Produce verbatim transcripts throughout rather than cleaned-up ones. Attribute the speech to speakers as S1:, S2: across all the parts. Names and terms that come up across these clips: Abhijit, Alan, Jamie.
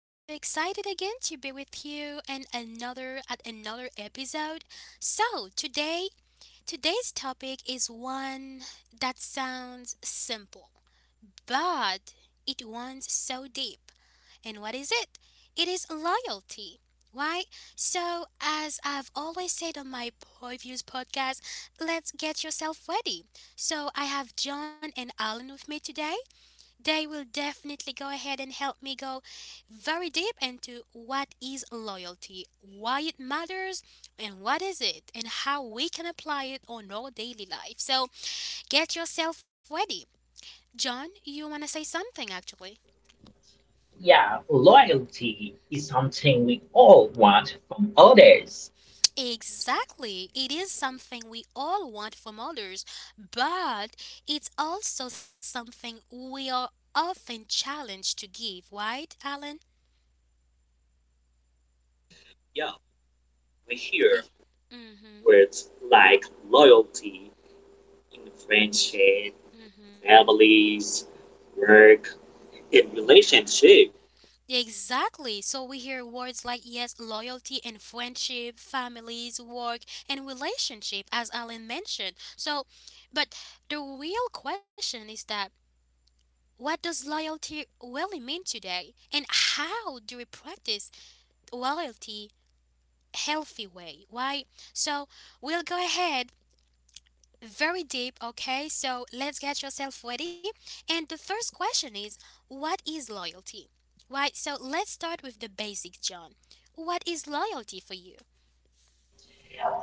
S1: I am so excited again to be with you and another at another episode. So, today today's topic is one that sounds simple, but it runs so deep. And what is it? It is loyalty. Why? So, as I've always said on my previous podcast, let's get yourself ready. So, I have John and Alan with me today. They will definitely go ahead and help me go very deep into what is loyalty, why it matters, and what is it, and how we can apply it on our daily life. So get yourself ready. John, you want to say something actually?
S2: Yeah, loyalty is something we all want from others.
S1: Exactly. It is something we all want from others, but it's also something we are often challenged to give, right, Alan?
S3: Yeah, we hear
S1: Mm-hmm.
S3: words like loyalty in friendship,
S1: Mm-hmm.
S3: families, work, and relationship.
S1: Exactly. So we hear words like yes, loyalty and friendship, families, work, and relationship, as Alan mentioned. So, but the real question is that what does loyalty really mean today? And how do we practice loyalty healthy way? Why? So we'll go ahead very deep, okay? So let's get yourself ready. And the first question is what is loyalty? Right, so let's start with the basic, John. What is loyalty for you?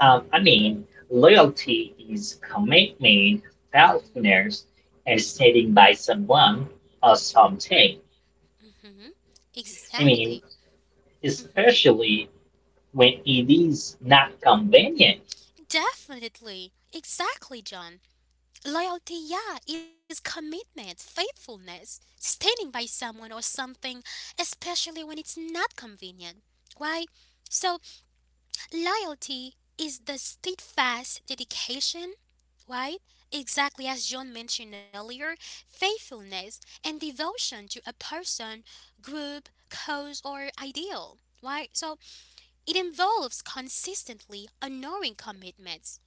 S2: Um, I mean, loyalty is commitment,
S1: hmm
S2: faithfulness, and standing by someone or something.
S1: hmm
S2: I mean,
S1: Exactly. hmm
S2: especially when it is not convenient.
S1: Definitely. Exactly, John. Loyalty, yeah, is commitment, faithfulness, standing by someone or something, especially when it's not convenient. Why? So Loyalty is the steadfast dedication, right? Exactly as John mentioned earlier, faithfulness and devotion to a person, group, cause, or ideal, right? So it involves consistently honoring commitments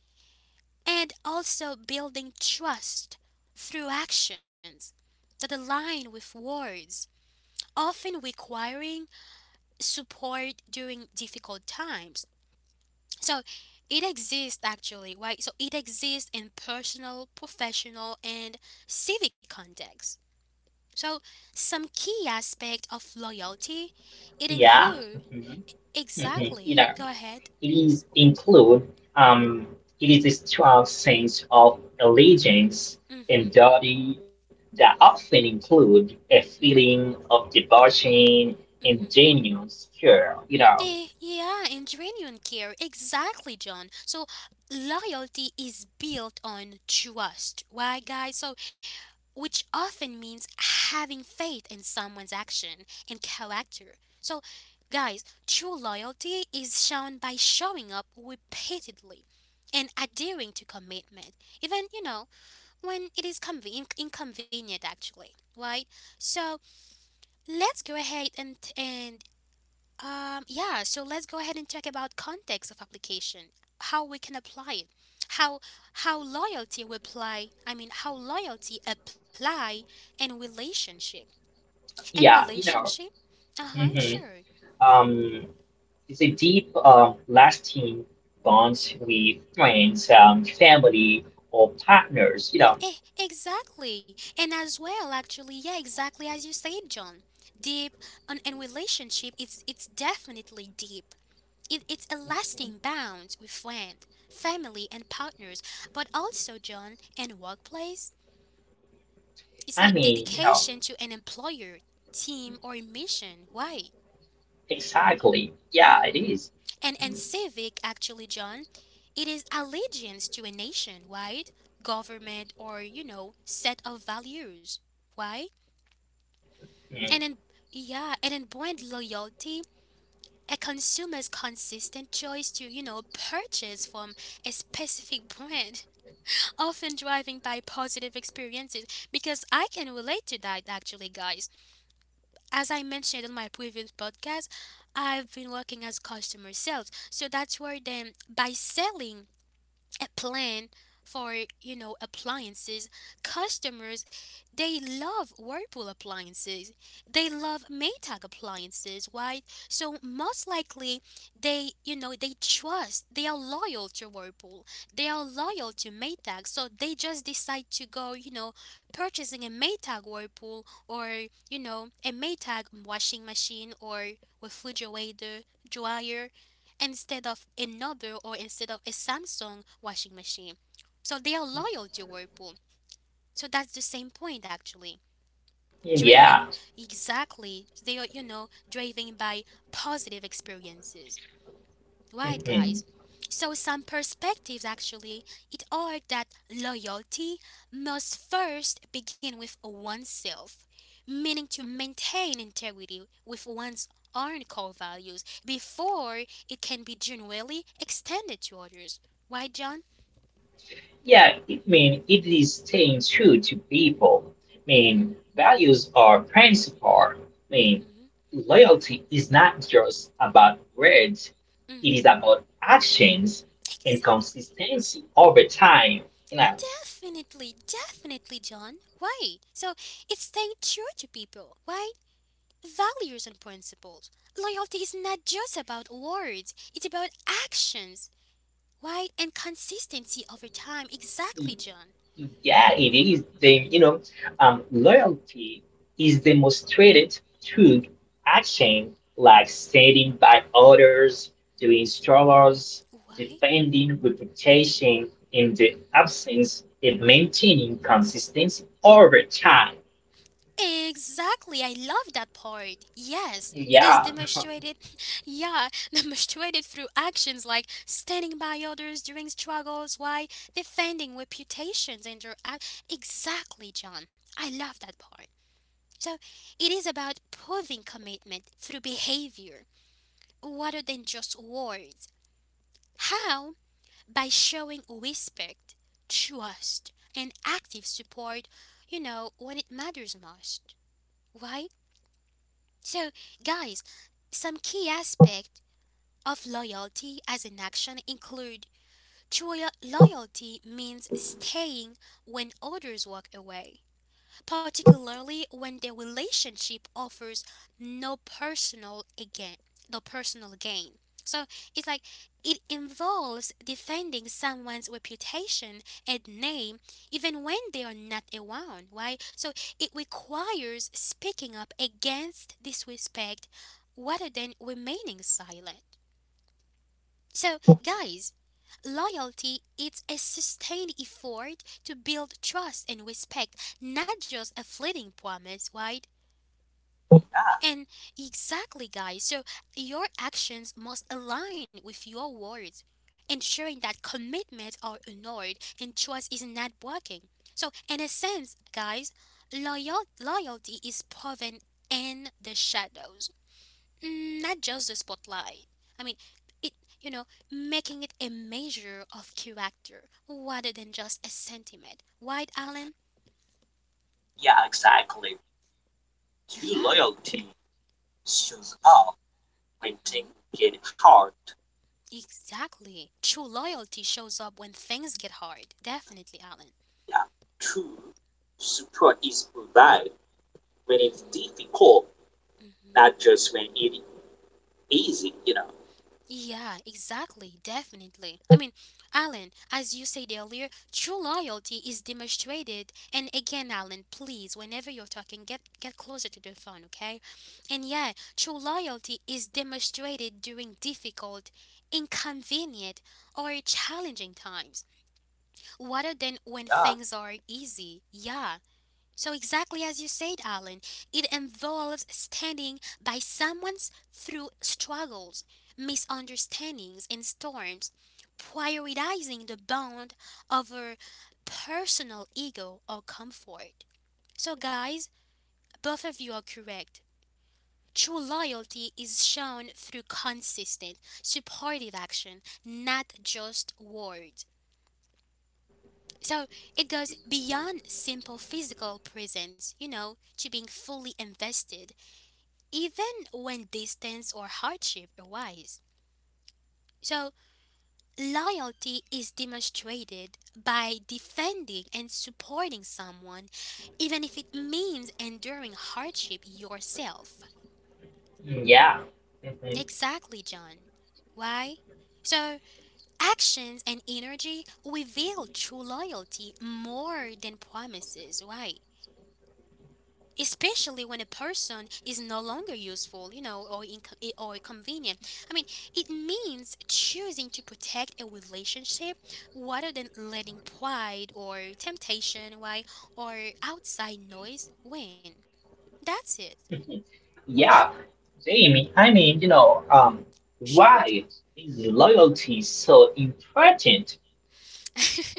S1: and also building trust through actions that align with words, often requiring support during difficult times so it exists actually, right? So it exists in personal, professional, and civic contexts. So some key aspect of loyalty, it
S2: Yeah.
S1: include
S2: hmm
S1: exactly. Go ahead.
S2: These include um, it is a strong sense of allegiance and
S1: Mhm.
S2: duty that often include a feeling of devotion and
S1: Mhm.
S2: genuine care. You know,
S1: Eh, yeah, and genuine care. Exactly, John. So loyalty is built on trust. Why, guys? So which often means having faith in someone's action and character. So, guys, true loyalty is shown by showing up repeatedly and adhering to commitment, even, you know, when it is conven- inconvenient, actually, right? So, let's go ahead and, and um, yeah, so let's go ahead and talk about context of application, how we can apply it, how how loyalty will apply. I mean, how loyalty apply in relationship, in
S2: yeah, you know.
S1: relationship. Uh huh.
S2: hmm
S1: Sure.
S2: Um, it's a deep, uh, lasting bond with friends, um, family, or partners. You know,
S1: Eh, exactly. And as well, actually, yeah, exactly as you said, John. Deep and in relationship, it's it's definitely deep. It, it's a lasting bond with friend, family, and partners, but also John and workplace It's like
S2: I mean, you
S1: dedication
S2: know,
S1: to an employer, team, or mission. Why?
S2: exactly. Yeah, it
S1: hmm
S2: is.
S1: And and civic actually, John, it is allegiance to a nation, right? Government or you know set of values, Why?
S2: Mhm.
S1: And in yeah, and in brand loyalty, a consumer's consistent choice to you know purchase from a specific brand, often driving by positive experiences. Because I can relate to that actually, guys. As I mentioned on my previous podcast, I've been working as customer sales. So that's where then by selling a plan for you know appliances customers they love Whirlpool appliances they love Maytag appliances right so most likely they you know they trust they are loyal to Whirlpool they are loyal to Maytag so they just decide to go you know purchasing a Maytag Whirlpool or you know a Maytag washing machine or refrigerator dryer instead of another or instead of a Samsung washing machine. So they are loyal to Whirlpool. So that's the same point actually. Driven
S2: Yeah.
S1: exactly, they are, you know, driven by positive experiences. Right, guys.
S2: Mhm.
S1: So some perspectives actually it are that loyalty must first begin with oneself, meaning to maintain integrity with one's own core values before it can be genuinely extended to others. Why, John?
S2: Yeah, I mean, it is staying true to people. I mean,
S1: Mhm.
S2: values are principle. I mean,
S1: Mhm.
S2: loyalty is not just about words, it is
S1: Mhm.
S2: about actions and
S1: Exactly.
S2: consistency over time. You know,
S1: Definitely, definitely, John. Why? So it's staying true to people. Why? Values and principles. Loyalty is not just about words, it's about actions. Why? And consistency over time. Exactly, John.
S2: Yeah, it is. The, you know, um,
S1: Mhm.
S2: loyalty is demonstrated through action like standing by others, doing struggles,
S1: Why?
S2: defending reputation in the absence of maintaining consistency over time.
S1: Exactly, I love that part. Yes, it is
S2: Yeah,
S1: demonstrated, yeah, demonstrated through actions like standing by others during struggles, why defending reputations and your act. Exactly, John. I love that part. So, it is about proving commitment through behavior rather than just words. How? By showing respect, trust, and active support, you know, when it matters most, right? So, guys, some key aspects of loyalty as an action include true lo- loyalty means staying when others walk away, particularly when the relationship offers no personal again no personal gain. So it's like it involves defending someone's reputation and name even when they are not around, right? So it requires speaking up against disrespect rather than remaining silent. So, guys, loyalty it's a sustained effort to build trust and respect, not just a fleeting promise, right? And exactly, guys. So, your actions must align with your words, ensuring that commitments are honored and trust is not broken. So, in a sense, guys, loyal- loyalty is proven in the shadows. Mm, not just the spotlight. I mean, it, you know, making it a measure of character rather than just a sentiment. Right, Alan?
S3: Yeah, exactly. True
S1: Yeah.
S3: loyalty shows up when
S1: hmm
S3: things get hard.
S1: Exactly. True loyalty shows up when things get hard. Definitely, Alan.
S3: Yeah, true support is provided when it's
S1: hmm
S3: difficult,
S1: hmm
S3: not just when it's easy, you know.
S1: Yeah, exactly, definitely. I mean, Alan, as you said earlier, true loyalty is demonstrated. And again, Alan, please, whenever you're talking, get get closer to the phone, okay? And yeah, true loyalty is demonstrated during difficult, inconvenient, or challenging times, rather than when
S3: Yeah.
S1: things are easy. Yeah, so, exactly as you said, Alan, it involves standing by someone through struggles, misunderstandings, and storms, prioritizing the bond over personal ego or comfort. So, guys, both of you are correct. True loyalty is shown through consistent, supportive action, not just words. So it goes beyond simple physical presence, you know, to being fully invested, even when distance or hardship arise. So loyalty is demonstrated by defending and supporting someone, even if it means enduring hardship yourself.
S2: yeah. Mhm.
S1: Exactly, John. Why? So, actions and energy reveal true loyalty more than promises. Why? Especially when a person is no longer useful, you know, or inco- or convenient. I mean, it means choosing to protect a relationship rather than letting pride or temptation, why, or outside noise win. That's it.
S2: Mhm. Yeah. Jamie, I mean, you know, um,
S1: Sure,
S2: why
S1: John.
S2: is loyalty so important?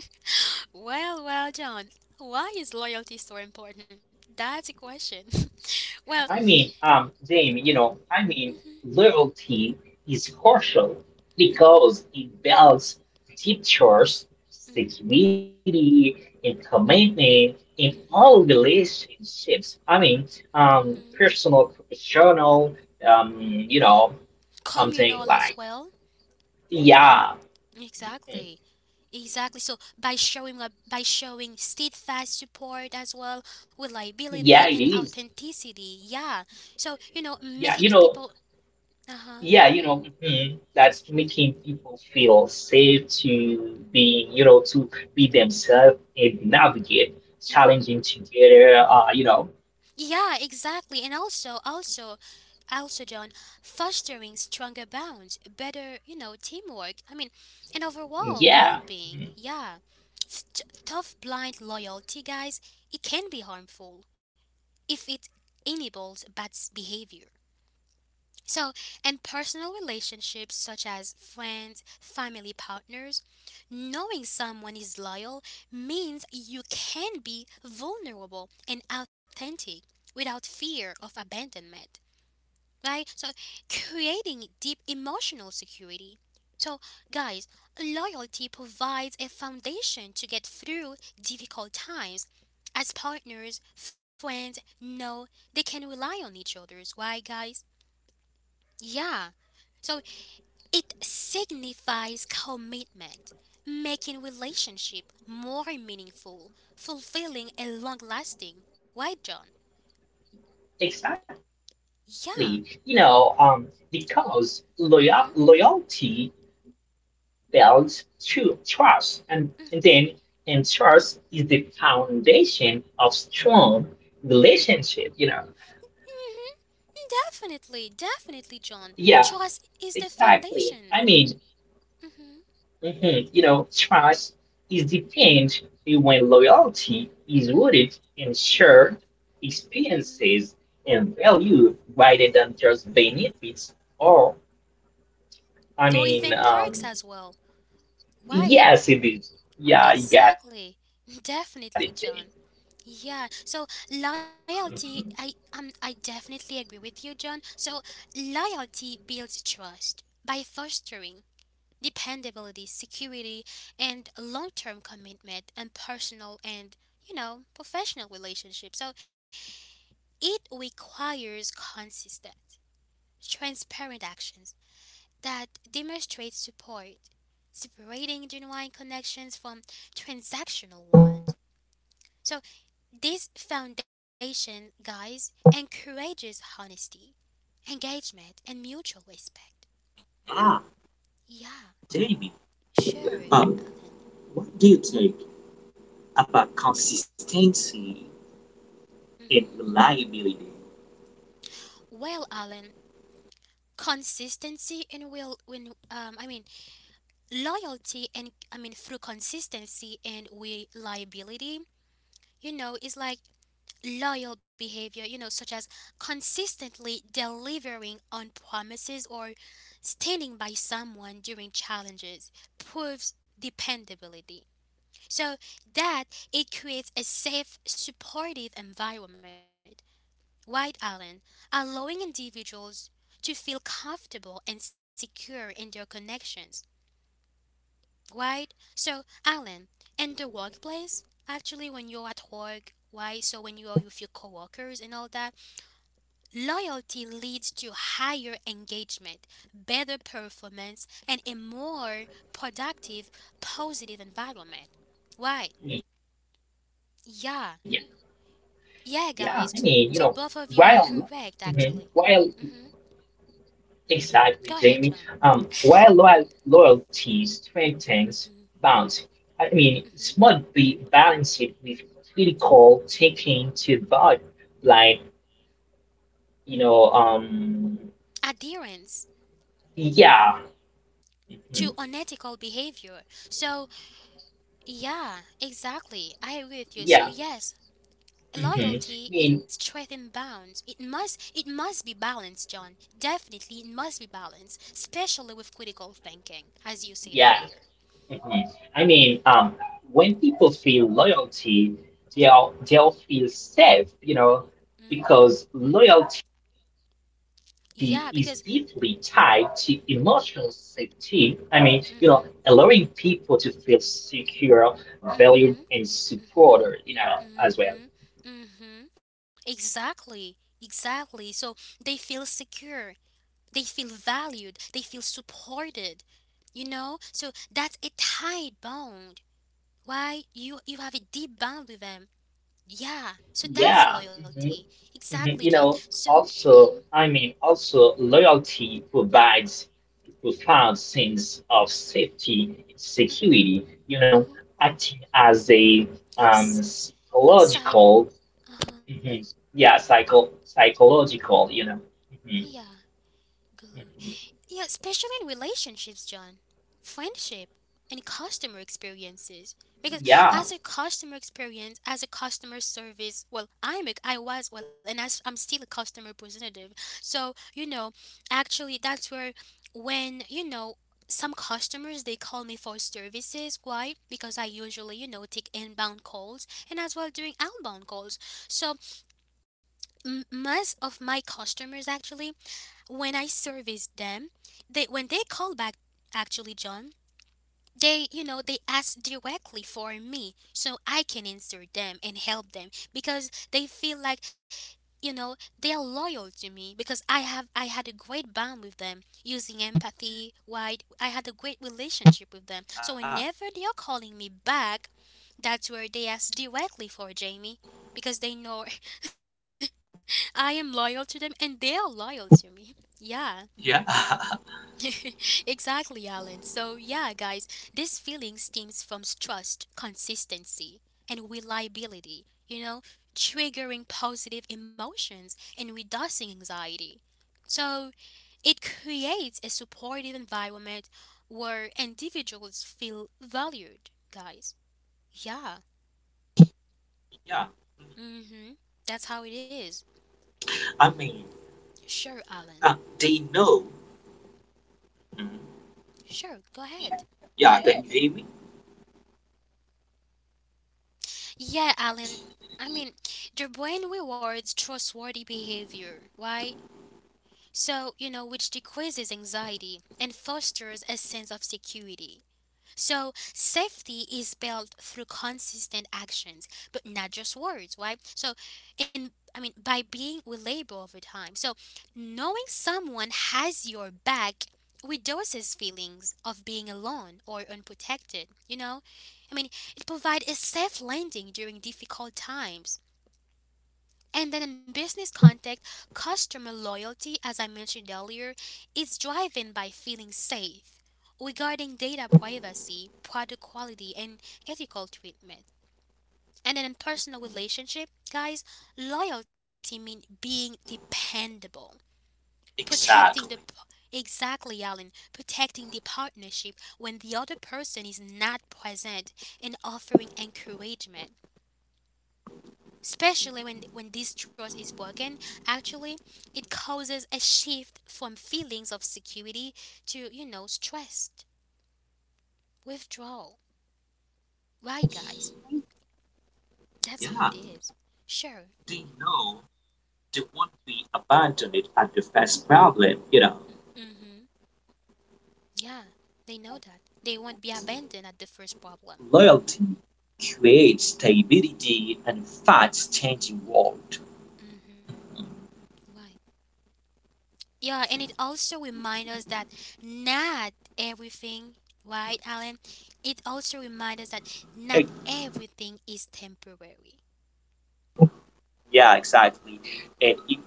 S1: well, well, John. Why is loyalty so important? That's a question. well,
S2: I mean, um, Jamie, you know, I mean,
S1: mhm,
S2: loyalty is crucial
S1: mhm,
S2: because it builds teachers,
S1: mhm,
S2: security, and commitment in all
S1: mhm,
S2: relationships. I mean, um,
S1: mhm.
S2: personal, professional, um, you know, something
S1: communal as
S2: like,
S1: well.
S2: yeah, mhm,
S1: Exactly. Exactly. So by showing up, by showing steadfast support as well,
S2: yeah,
S1: reliability
S2: it
S1: and
S2: is.
S1: authenticity. Yeah. So you know,
S2: Yeah, you
S1: making
S2: know,
S1: people. Uh huh.
S2: yeah, you know, mhm, that's making people feel safe to be, you know, to be themselves and navigate challenging
S1: Mm-hmm.
S2: together. Uh, you know,
S1: Yeah, exactly. And also, also, also, John, fostering stronger bonds, better, you know, teamwork. I mean, and overall
S2: yeah, mhm,
S1: well-being. Yeah. Th- tough blind loyalty, guys. It can be harmful if it enables bad s- behavior. So, in personal relationships such as friends, family partners, knowing someone is loyal means you can be vulnerable and authentic without fear of abandonment, right? So, creating deep emotional security. So, guys, loyalty provides a foundation to get through difficult times. As partners, friends know they can rely on each other's. Why, guys? Yeah. So it signifies commitment, making relationship more meaningful, fulfilling and long-lasting. Right, John? Yeah.
S2: exactly. You know, um, because
S1: Mhm.
S2: loyal loyalty builds true trust, and, and then and trust is the foundation of strong relationship. You know,
S1: Mhm. Definitely, definitely, John.
S2: yeah,
S1: Trust is the
S2: exactly.
S1: foundation.
S2: I mean,
S1: Mhm.
S2: Mhm. You know, trust is defined when loyalty
S1: Mhm.
S2: is rooted in
S1: Mhm.
S2: shared
S1: Mhm.
S2: experiences and value rather than just benefits. Or,
S1: Or even
S2: I
S1: perks as
S2: mean,
S1: well.
S2: um,
S1: Why?
S2: yes, it is.
S1: Exactly.
S2: Yeah, you got it,
S1: Definitely,
S2: Jay.
S1: John. Yeah, so loyalty,
S2: Mhm.
S1: I um, I definitely agree with you, John. So loyalty builds trust by fostering dependability, security, and long-term commitment and personal and you know professional relationships. So it requires consistent, transparent actions that demonstrate support, separating genuine connections from transactional ones. So, this foundation, guys, encourages honesty, engagement, and mutual respect.
S3: Yeah,
S1: Yeah,
S3: Jamie,
S1: sure,
S3: um,
S1: Alan.
S3: what do you think about consistency and
S1: hmm
S3: reliability?
S1: Well, Alan, consistency and will when um I mean loyalty and I mean through consistency and reliability, you know, is like loyal behavior, you know, such as consistently delivering on promises or standing by someone during challenges, proves dependability. So that it creates a safe, supportive environment. White Alan? Allowing individuals to feel comfortable and secure in their connections. Right? So, Alan, in the workplace, actually, when you're at work, why? So when you are with your coworkers and all that Loyalty leads to higher engagement, better performance, and a more productive, positive environment. Why? Yeah.
S2: Yeah,
S1: Yeah, guys.
S2: yeah.
S1: So
S2: I
S1: both
S2: mean,
S1: of
S2: you
S1: you
S2: know,
S1: are correct,
S2: while,
S1: actually.
S2: mhm,
S1: hmm
S2: while
S1: Go ahead,
S2: Exactly,
S1: John.
S2: Jamie. Um, while loyal loyalties
S1: hmm
S2: strengthens bonds, I mean,
S1: hmm
S2: it must be balanced with critical thinking to avoid, like, you know, um,
S1: Adherence
S2: yeah, mhm,
S1: to unethical behavior. So, yeah, exactly. I agree with you. So,
S2: yeah,
S1: yes,
S2: mhm.
S1: Loyalty
S2: I
S1: is
S2: mean,
S1: straight and bounds. It must it must be balanced, John. Definitely it must be balanced, especially with critical thinking, as you said
S2: yeah.
S1: earlier.
S2: Mhm. I mean, um, when people feel loyalty, they'll they'll feel safe, you know,
S1: Mhm.
S2: because loyalty is deeply
S1: Yeah,
S2: tied to
S1: because
S2: emotional safety. I mean, you know, allowing people to
S1: mhm.
S2: feel secure, valued, and
S1: Mhm.
S2: supported, you know, as
S1: Mhm.
S2: well.
S1: Mhm. Mhm. Exactly. Exactly. So they feel secure. They feel valued. They feel supported. You know? So that's a tight bond. Why you you have a deep bond with them Yeah, so that's
S2: Yeah.
S1: loyalty.
S2: Mm-hmm.
S1: Exactly,
S2: Mhm.
S1: John.
S2: You know,
S1: So, mm-hmm,
S2: also, I mean, also loyalty provides profound sense of safety, and
S1: mm-hmm,
S2: security. You know,
S1: mm-hmm.
S2: acting as a um,
S1: S- side,
S2: psychological,
S1: uh-huh,
S2: mhm, yeah, psycho psychological. You know, Mhm,
S1: yeah, Good.
S2: mhm,
S1: Yeah, especially in relationships, John, friendship, and customer experiences. Because
S2: yeah,
S1: as a customer experience, as a customer service, well, I'm a, I was well, and as I'm still a customer representative. So you know, actually, that's where when you know some customers they call me for services. Why? Because I usually you know take inbound calls and as well doing outbound calls. So m- most of my customers actually when I serviced them, they when they call back actually, John, they you know they ask directly for me so I can answer them and help them because they feel like you know they are loyal to me because I have I had a great bond with them using empathy. Why? I had a great relationship with them. So
S3: Ah,
S1: whenever they are calling me back, that's where they ask directly for Jamie because they know I am loyal to them and they are loyal to me. Yeah.
S3: yeah,
S1: Exactly, Alan. So, yeah, guys, this feeling stems from trust, consistency, and reliability, you know, triggering positive emotions and reducing anxiety. So it creates a supportive environment where individuals feel valued, guys. Yeah,
S3: yeah.
S1: mm hmm. That's how it is.
S3: I mean,
S1: Sure, Alan.
S3: uh, they know. Mhm.
S1: Sure, go ahead.
S3: Yeah, can you hear me?
S1: Yeah, Alan. I mean, the brain rewards trustworthy behavior, right? So, you know, which decreases anxiety and fosters a sense of security. So safety is built through consistent actions, but not just words, right? So, in I mean, by being reliable over time. So knowing someone has your back reduces feelings of being alone or unprotected, you know? I mean, it provides a safe landing during difficult times, and then in business context, customer loyalty, as I mentioned earlier, is driven by feeling safe regarding data privacy, product quality, and ethical treatment. And then in personal relationship, guys, loyalty means being dependable, protecting the
S3: Exactly.
S1: exactly, Alan, protecting the partnership when the other person is not present, and offering encouragement. Especially when, when this trust is broken, actually, it causes a shift from feelings of security to, you know, stress, withdrawal. Right, guys? That's how
S3: Yeah,
S1: it is. Sure.
S3: they know they won't be abandoned at the first problem. You know,
S1: Mm-hmm. Yeah, they know that. They won't be abandoned at the first problem.
S3: loyalty creates stability in a fast-changing world.
S1: Mm-hmm. Right. Yeah, and it also reminds us that not everything, right, Alan? It also reminds us that
S3: Eh,
S1: not everything is temporary.
S3: yeah, exactly. And it,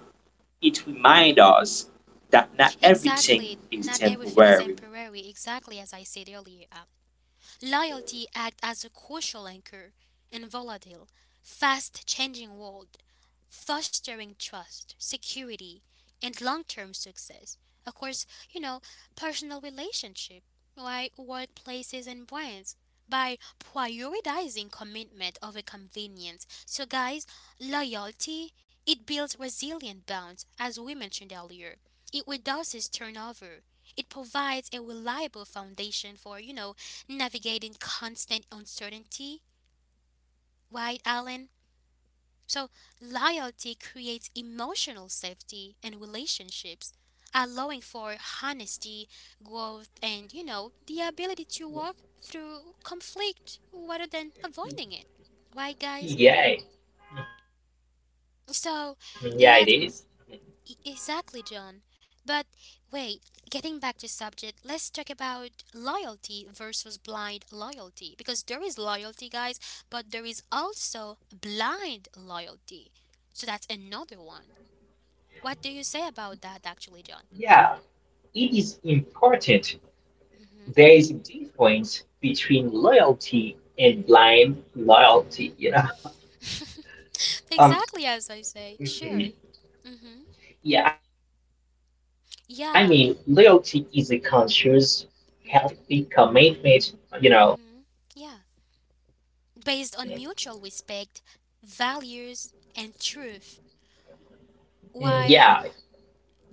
S3: it reminds us that not
S1: Exactly.
S3: everything is
S1: Not everything is
S3: temporary.
S1: temporary. Exactly as I said earlier, Al. Loyalty acts as a crucial anchor in a volatile, fast changing world, fostering trust, security, and long term success. Of course, you know, personal relationship, right? Workplaces and brands by prioritizing commitment over convenience. So guys, loyalty, it builds resilient bonds as we mentioned earlier. It reduces turnover. It provides a reliable foundation for, you know, navigating constant uncertainty, right, Alan? So loyalty creates emotional safety and relationships, allowing for honesty, growth, and, you know, the ability to walk through conflict rather than avoiding it. Right, guys?
S2: yeah, mhm, yeah, it is.
S1: So let's E- exactly, John. But wait, getting back to subject, let's talk about loyalty versus blind loyalty, because there is loyalty, guys, but there is also blind loyalty. So that's another one. What do you say about that actually, John?
S2: Yeah, it is important.
S1: Mhm.
S2: There is a difference between loyalty and blind loyalty.
S1: Mhm.
S2: You know. Um,
S1: Exactly as I say. Sure.
S2: Mhm.
S1: Mhm.
S2: Yeah, I mean, loyalty is a
S1: Yeah.
S2: conscious, healthy commitment, you
S1: Mhm.
S2: know.
S1: Mhm. Yeah. Based on mutual respect, values, and truth,
S2: Mm,
S1: while
S2: yeah,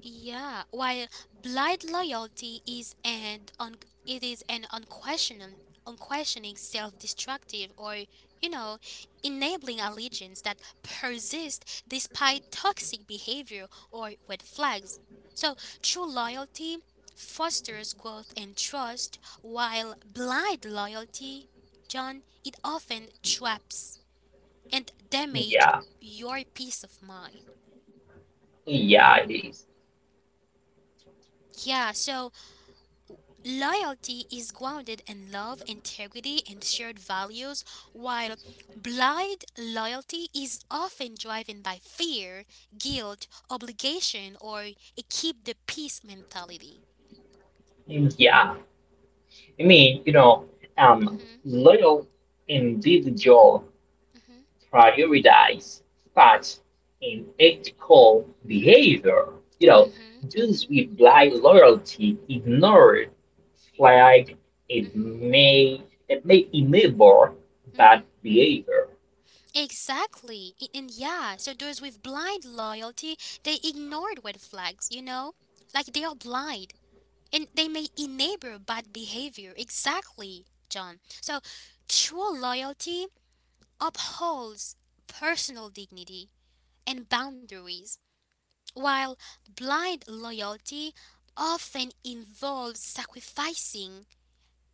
S1: yeah, while blind loyalty is an un- it is an unquestioning unquestioning self-destructive or you know enabling allegiance that persists despite toxic behavior or red flags. So true loyalty fosters growth and trust, while blind loyalty, John, it often traps and damage
S2: yeah,
S1: your peace of mind.
S2: yeah, it is.
S1: Yeah, so loyalty is grounded in love, integrity, and shared values, while blind loyalty is often driven by fear, guilt, obligation, or a keep the peace mentality.
S2: Mm, yeah, I mean, you know, um,
S1: Mhm,
S2: loyal individual
S1: mhm,
S2: prioritize
S1: mhm,
S2: facts and ethical behavior. You know,
S1: mhm,
S2: those
S1: mhm,
S2: with blind loyalty ignore flag it
S1: mhm,
S2: may it may enable bad
S1: mhm.
S2: behavior.
S1: Exactly. I- And yeah, so those with blind loyalty, they ignored red flags, you know? Like they are blind. And they may enable bad behavior. Exactly, John. So true loyalty upholds personal dignity and boundaries, while blind loyalty often involves sacrificing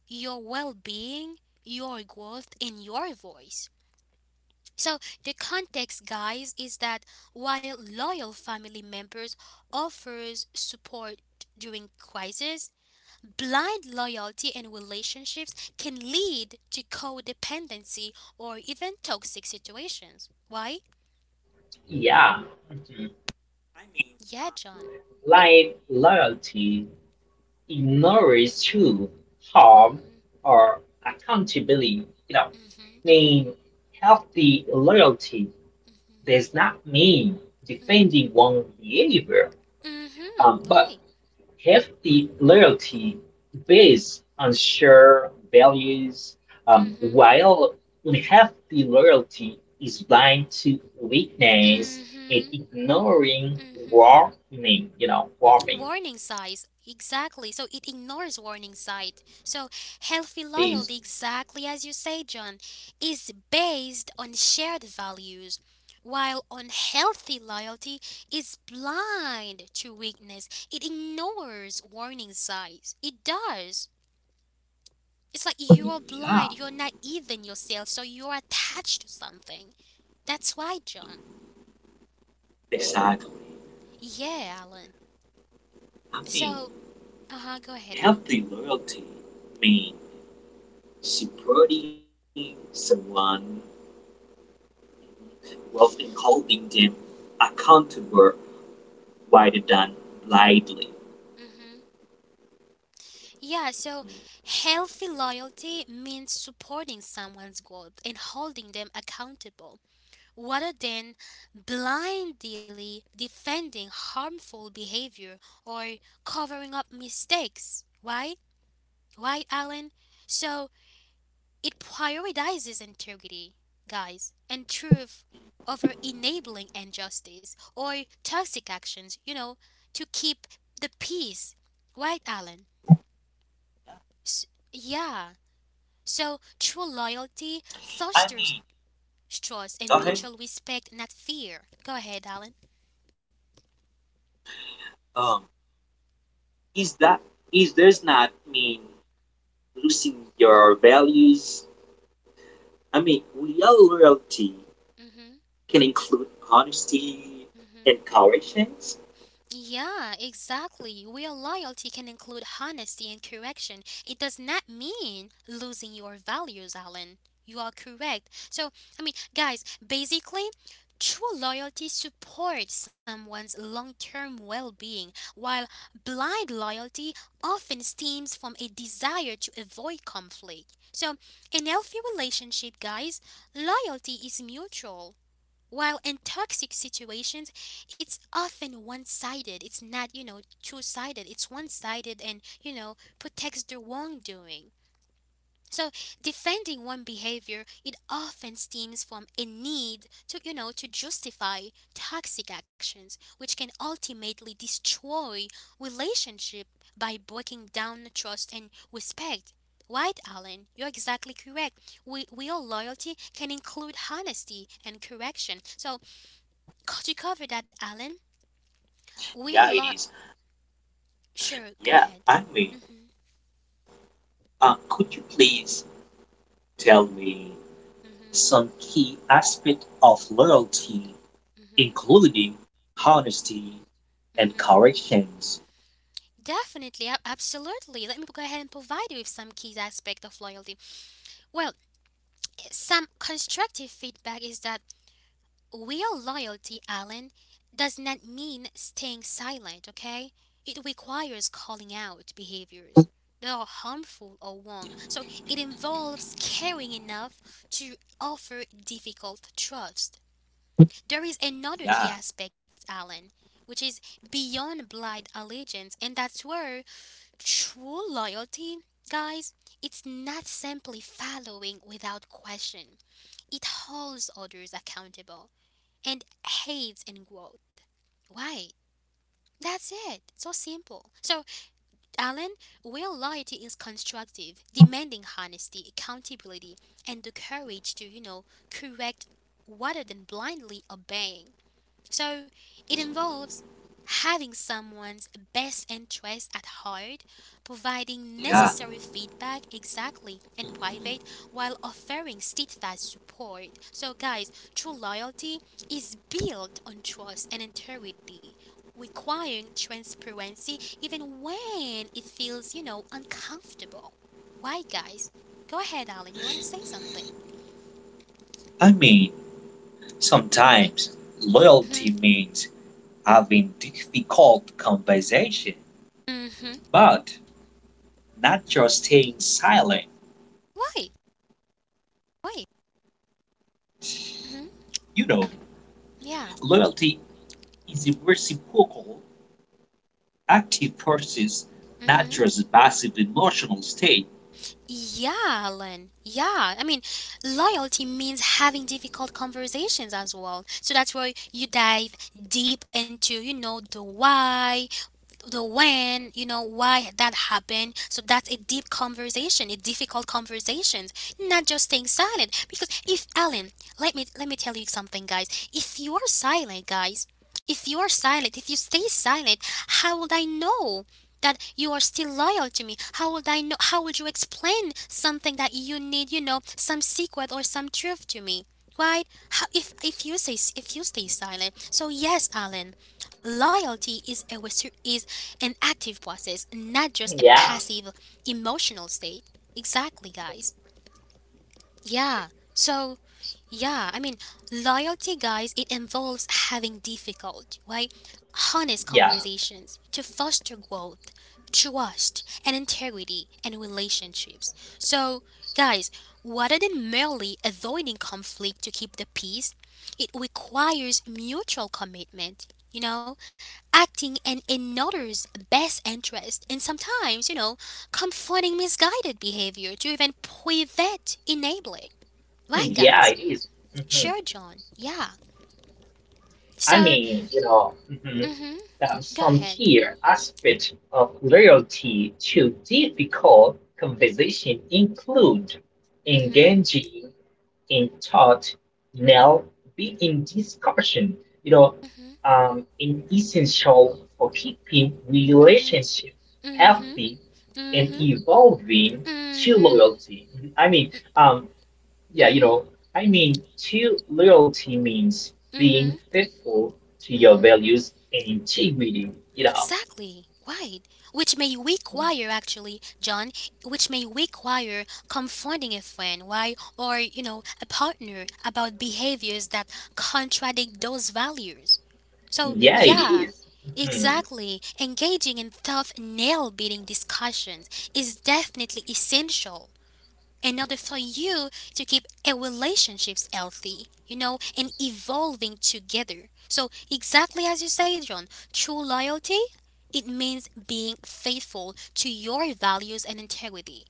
S1: your well being, your growth, and your voice. So the context, guys, is that while loyal family members offers support during crisis, blind loyalty in relationships can lead to codependency or even toxic situations. Why?
S2: Yeah,
S1: Yeah, John.
S2: like loyalty, ignorance to harm
S1: Mhm.
S2: or accountability. You know,
S1: Mhm. Mhm.
S2: mean healthy loyalty
S1: Mhm.
S2: does not mean
S1: Mhm.
S2: defending one behavior, um,
S1: Mhm.
S2: but
S1: Why?
S2: hefty loyalty based on shared values, um,
S1: Mhm.
S2: while unhealthy loyalty is blind to weakness and
S1: Mhm.
S2: ignoring
S1: Mhm.
S2: warning. You know, warning.
S1: Warning signs, exactly. So it ignores warning signs. So healthy
S2: It is,
S1: loyalty, exactly as you say, John, is based on shared values, while unhealthy loyalty is blind to weakness. It ignores warning signs. It does, it's like you're
S3: Yeah,
S1: blind, you're not even yourself, so you're attached to something. That's why, John.
S3: exactly.
S1: Yeah, Alan.
S3: I mean,
S1: So uh-huh go ahead, Alan.
S3: healthy loyalty means supporting someone rather than holding them accountable rather than blindly.
S1: Mm hmm. Yeah, so healthy loyalty means supporting someone's growth and holding them accountable rather than blindly defending harmful behavior or covering up mistakes. Why? Why, Alan? So it prioritizes integrity, guys, and truth over enabling injustice or toxic actions, you know, to keep the peace. Right, Alan? S- yeah. So true loyalty
S3: I
S1: fosters
S3: mean,
S1: trust
S3: go
S1: and
S3: ahead.
S1: mutual respect, not fear. Go ahead, Alan.
S3: Um, is that is does not mean losing your values? I mean, real loyalty
S1: Mm-hmm.
S3: can include honesty
S1: Mm-hmm.
S3: and coercion.
S1: Yeah, exactly. Real loyalty can include honesty and correction. It does not mean losing your values, Alan. You are correct. So, I mean, guys, basically, true loyalty supports someone's long term well being, while blind loyalty often stems from a desire to avoid conflict. So in healthy relationship, guys, loyalty is mutual. While in toxic situations, it's often one sided. It's not, you know, two sided. It's one sided and, you know, protects the wrongdoing. So defending one behavior, it often stems from a need to, you know, to justify toxic actions, which can ultimately destroy relationship by breaking down trust and respect. Right, Alan, you're exactly correct. We, real loyalty can include honesty and correction. So could you cover that, Alan? We are
S3: Yeah, it
S1: lot.
S3: is.
S1: Sure, go
S3: Yeah,
S1: ahead.
S3: I mean,
S1: Mm mhm,
S3: uh, could you please tell me
S1: mm mhm,
S3: some key aspect of loyalty
S1: mm mhm,
S3: including honesty
S1: mm
S3: and
S1: mhm.
S3: corrections.
S1: Definitely, ab- absolutely. Let me go ahead and provide you with some key aspect of loyalty. Well, some constructive feedback is that real loyalty, Alan, does not mean staying silent. Okay, it requires calling out behaviors that are harmful or wrong. So it involves caring enough to offer difficult trust. There is another key
S3: Yeah,
S1: aspect, Alan, which is beyond blind allegiance, and that's where true loyalty, guys, it's not simply following without question. It holds others accountable and aids in growth. Why? That's it. So simple. So, Alan, real loyalty is constructive, demanding honesty, accountability, and the courage to, you know, correct rather than blindly obeying. So it involves having someone's best interest at heart, providing
S3: yeah.
S1: necessary feedback exactly in private while offering steadfast support. So guys, true loyalty is built on trust and integrity, requiring transparency even when it feels, you know, uncomfortable. Why guys? Go ahead, Alan, you want to say something?
S3: I mean, sometimes
S1: Mhm.
S3: loyalty means having difficult conversation,
S1: Mhm.
S3: but not just staying silent.
S1: Why? Why? Mm mhm.
S3: You know,
S1: Yeah.
S3: Loyalty is a reciprocal, active process,
S1: Mm
S3: not
S1: mhm.
S3: just a passive emotional state.
S1: Yeah, Alan. Yeah. I mean, loyalty means having difficult conversations as well. So that's where you dive deep into, you know, the why, the when, you know, why that happened. So that's a deep conversation, a difficult conversation, not just staying silent. Because if Alan, let me let me tell you something, guys. If you are silent, guys, if you are silent, if you stay silent, how would I know that you are still loyal to me? How would I know? How would you explain something that you need, you know, some secret or some truth to me, right? How, if if you say, if you stay silent. So yes, Alan, loyalty is a resu- is an active process, not just a
S2: yeah,
S1: passive emotional state. Exactly, guys. Yeah. So yeah, I mean, loyalty, guys, it involves having difficult, right, honest
S2: yeah,
S1: conversations to foster growth, trust, and integrity in relationships. So guys, rather than merely avoiding conflict to keep the peace, it requires mutual commitment, you know, acting in another's best interest, and sometimes, you know, confronting misguided behavior to even prevent enabling. Right,
S2: yeah.
S1: guys?
S2: It is. Mhm.
S1: Sure, John. Yeah.
S2: I
S1: So
S2: mean, you know, mhm,
S1: mhm.
S2: there are
S1: Go
S2: some
S1: ahead.
S2: key aspects of loyalty to difficult conversation include
S1: Mhm.
S2: engaging in thought, now be in discussion, you know, um, in essential for keeping
S1: Mhm.
S2: relationship
S1: Mhm.
S2: healthy and
S1: Mhm.
S2: evolving to
S1: Mhm.
S2: loyalty. I mean, um, yeah, you know, I mean, to loyalty means being
S1: Mhm.
S2: faithful to your values and integrity. You know,
S1: Exactly. Right. Which may require actually, John, which may require confronting a friend, why or, you know, a partner about behaviors that contradict those values. So
S2: yeah, it
S1: yeah,
S2: is. Mhm.
S1: exactly. Engaging in tough nail biting discussions is definitely essential in order for you to keep a relationships healthy, you know, and evolving together. So exactly as you say, John, true loyalty, it means being faithful to your values and integrity.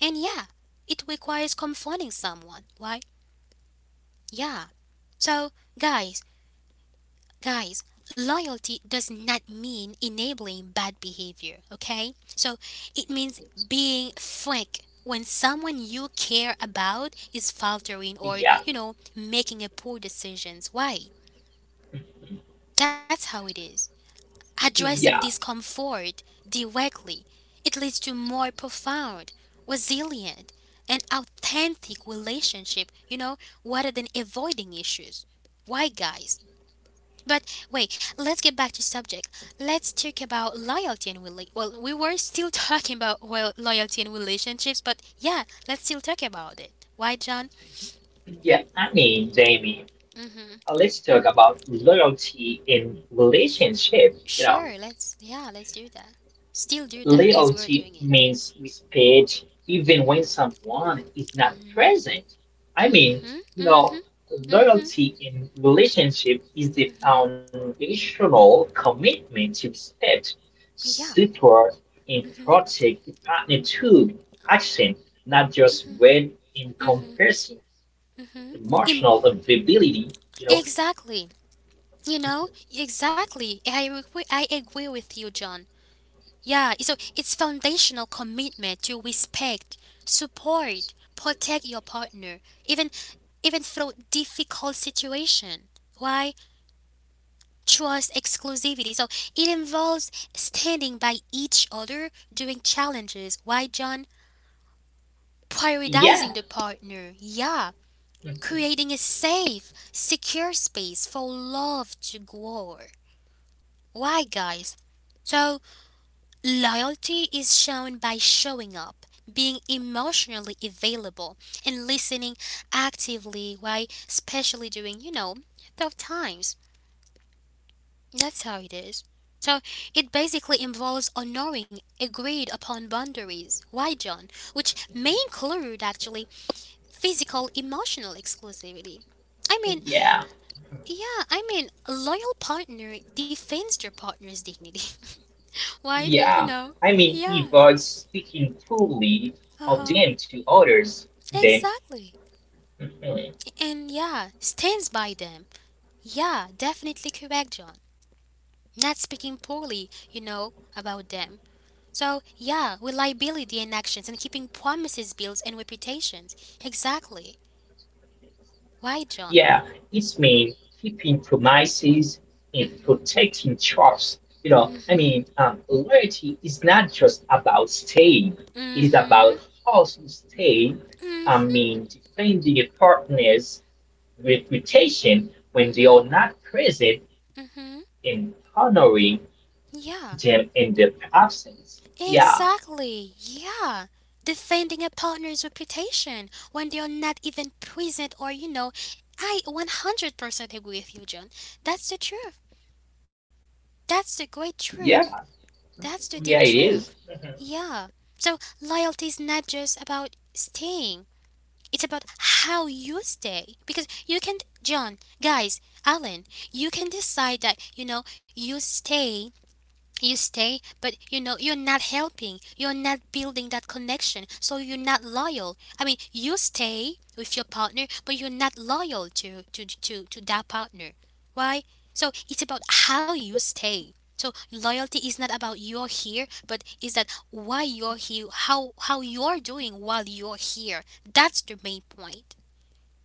S1: And yeah, it requires confronting someone, right? Yeah. So guys, guys, loyalty does not mean enabling bad behavior, okay? So it means being frank when someone you care about is faltering or,
S2: Yeah,
S1: you know, making a poor decisions. Why? That's how it is. Addressing
S2: yeah,
S1: discomfort directly, it leads to more profound, resilient, and authentic relationship, you know, rather than avoiding issues. Why, guys? But wait, let's get back to subject. Let's talk about loyalty and rela- well, we were still talking about well loyalty and relationships, but yeah, let's still talk about it. Why, John?
S2: yeah. I mean, Jamie. Uh,
S1: Mm-hmm.
S2: let's talk about loyalty in relationship. You know,
S1: Sure, let's yeah, let's do that. Still do that because we're
S2: loyalty
S1: doing it.
S2: means respect even when someone is not present. I mean,
S1: Mm-hmm.
S2: you know,
S1: Mm-hmm. Mm-hmm.
S2: loyalty in relationship is the foundational commitment to respect,
S1: Yeah.
S2: support, and
S1: Mm-hmm.
S2: protect the partner through action, not just when
S1: Mm-hmm.
S2: encompassing emotional
S1: Mm-hmm. Im-
S2: availability. You know,
S1: exactly. You know, exactly. I agree, I agree with you, John. Yeah, so it's foundational commitment to respect, support, protect your partner, even even through difficult situation. Why? Trust exclusivity. So it involves standing by each other during challenges. Why, John? Prioritizing the
S2: yeah,
S1: partner. Yeah.
S2: mm-hmm,
S1: Creating a safe, secure space for love to grow. Why, guys? So loyalty is shown by showing up, being emotionally available, and listening actively, why especially during, you know, tough times. That's how it is. So it basically involves honoring agreed upon boundaries. Why, John? Which may include actually physical emotional exclusivity. I mean,
S2: yeah.
S1: yeah, I mean, a loyal partner defends their partner's dignity. Right? You know?
S2: Yeah, I
S1: Yeah.
S2: mean, he was speaking
S1: Uh
S2: poorly
S1: huh.
S2: of them to others. Then,
S1: Exactly.
S2: mhm.
S1: And yeah, stands by them. Yeah, definitely correct, John. Not speaking poorly, you know, about them. So, yeah, reliability in actions and keeping promises, bills, and reputations. Exactly.
S2: Yeah,
S1: Why, John?
S2: it's mean keeping promises and protecting trust. You know,
S1: Mm
S2: I
S1: hmm.
S2: mean, um, loyalty is not just about staying;
S1: Mm
S2: it is
S1: hmm.
S2: about how you stay.
S1: Mm
S2: I
S1: hmm.
S2: mean, defending a partner's
S1: Mm
S2: reputation
S1: hmm.
S2: when they are not
S1: Mm
S2: present
S1: hmm.
S2: and honoring
S1: Yeah,
S2: them in their absence. Yeah.
S1: exactly. Yeah. Defending a partner's reputation when they are not even present or, you know, I one hundred percent agree with you, John. That's the truth. That's the great truth.
S2: Yeah,
S1: That's the deep
S2: yeah, it
S1: truth.
S2: is.
S1: Yeah. So loyalty is not just about staying. It's about how you stay because you can John, guys, Alan, you can decide that you know you stay you stay, but you know, you're not helping. You're not building that connection. So you're not loyal. I mean, you stay with your partner, but you're not loyal to, to, to, to that partner. Why? So it's about how you stay. So loyalty is not about you're here, but is that why you're here, how how you're doing while you're here. That's the main point.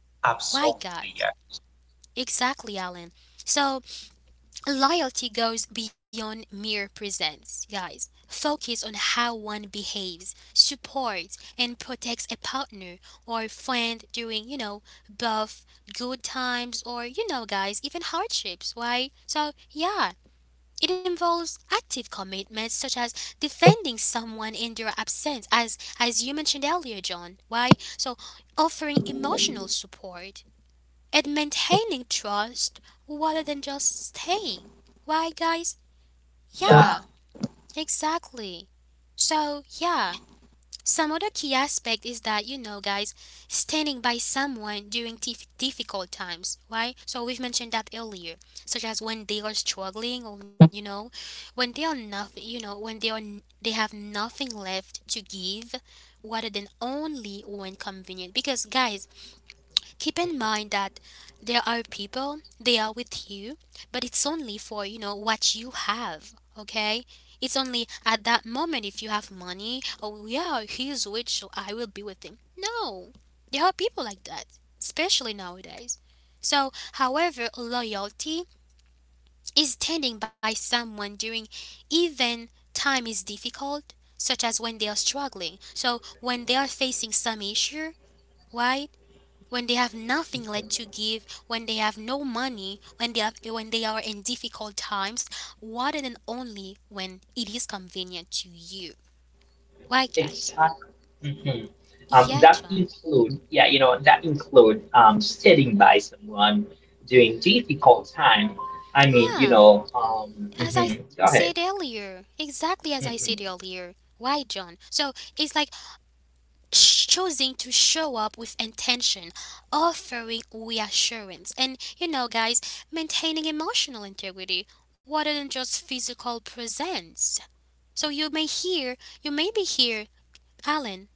S3: Absolutely.
S1: Why
S3: Yeah,
S1: guys? Exactly, Alan. So loyalty goes beyond mere presence, guys. Focus on how one behaves, supports, and protects a partner or friend during, you know, both good times or, you know, guys, even hardships, right? So, yeah, it involves active commitments such as defending someone in their absence, as as you mentioned earlier, John. Why? So, offering emotional support, and maintaining trust rather than just staying. Why, guys?
S3: yeah,
S1: Yeah, exactly. So, yeah, some other key aspect is that, you know, guys, standing by someone during tif- difficult times, right? So, we've mentioned that earlier, such as when they are struggling or, you know, when they are nothing, you know, when they are. N- they have nothing left to give rather than only when convenient, because guys, keep in mind that there are people they are with you, but it's only for, you know, what you have, okay? It's only at that moment. If you have money, oh yeah, he's rich, so I will be with him. No, there are people like that, especially nowadays. So however, loyalty is standing by someone during even time is difficult, such as when they are struggling, so when they are facing some issue. Why? When they have nothing left to give, when they have no money, when they, have, when they are in difficult times, rather than only when it is convenient to you. Why, guys?
S2: Exactly. Mhm. Um,
S1: Yeah,
S2: that
S1: John.
S2: include, yeah, you know, that include um, standing by someone during difficult time. I mean, you
S1: Yeah,
S2: know, um,
S1: as I
S2: mhm,
S1: said
S2: go ahead.
S1: earlier, exactly as I said
S2: Mhm.
S1: earlier. Why, John? So it's like sh- choosing to show up with intention, offering reassurance, and you know, guys, maintaining emotional integrity rather than just physical presence. So you may hear, you may be here Alan,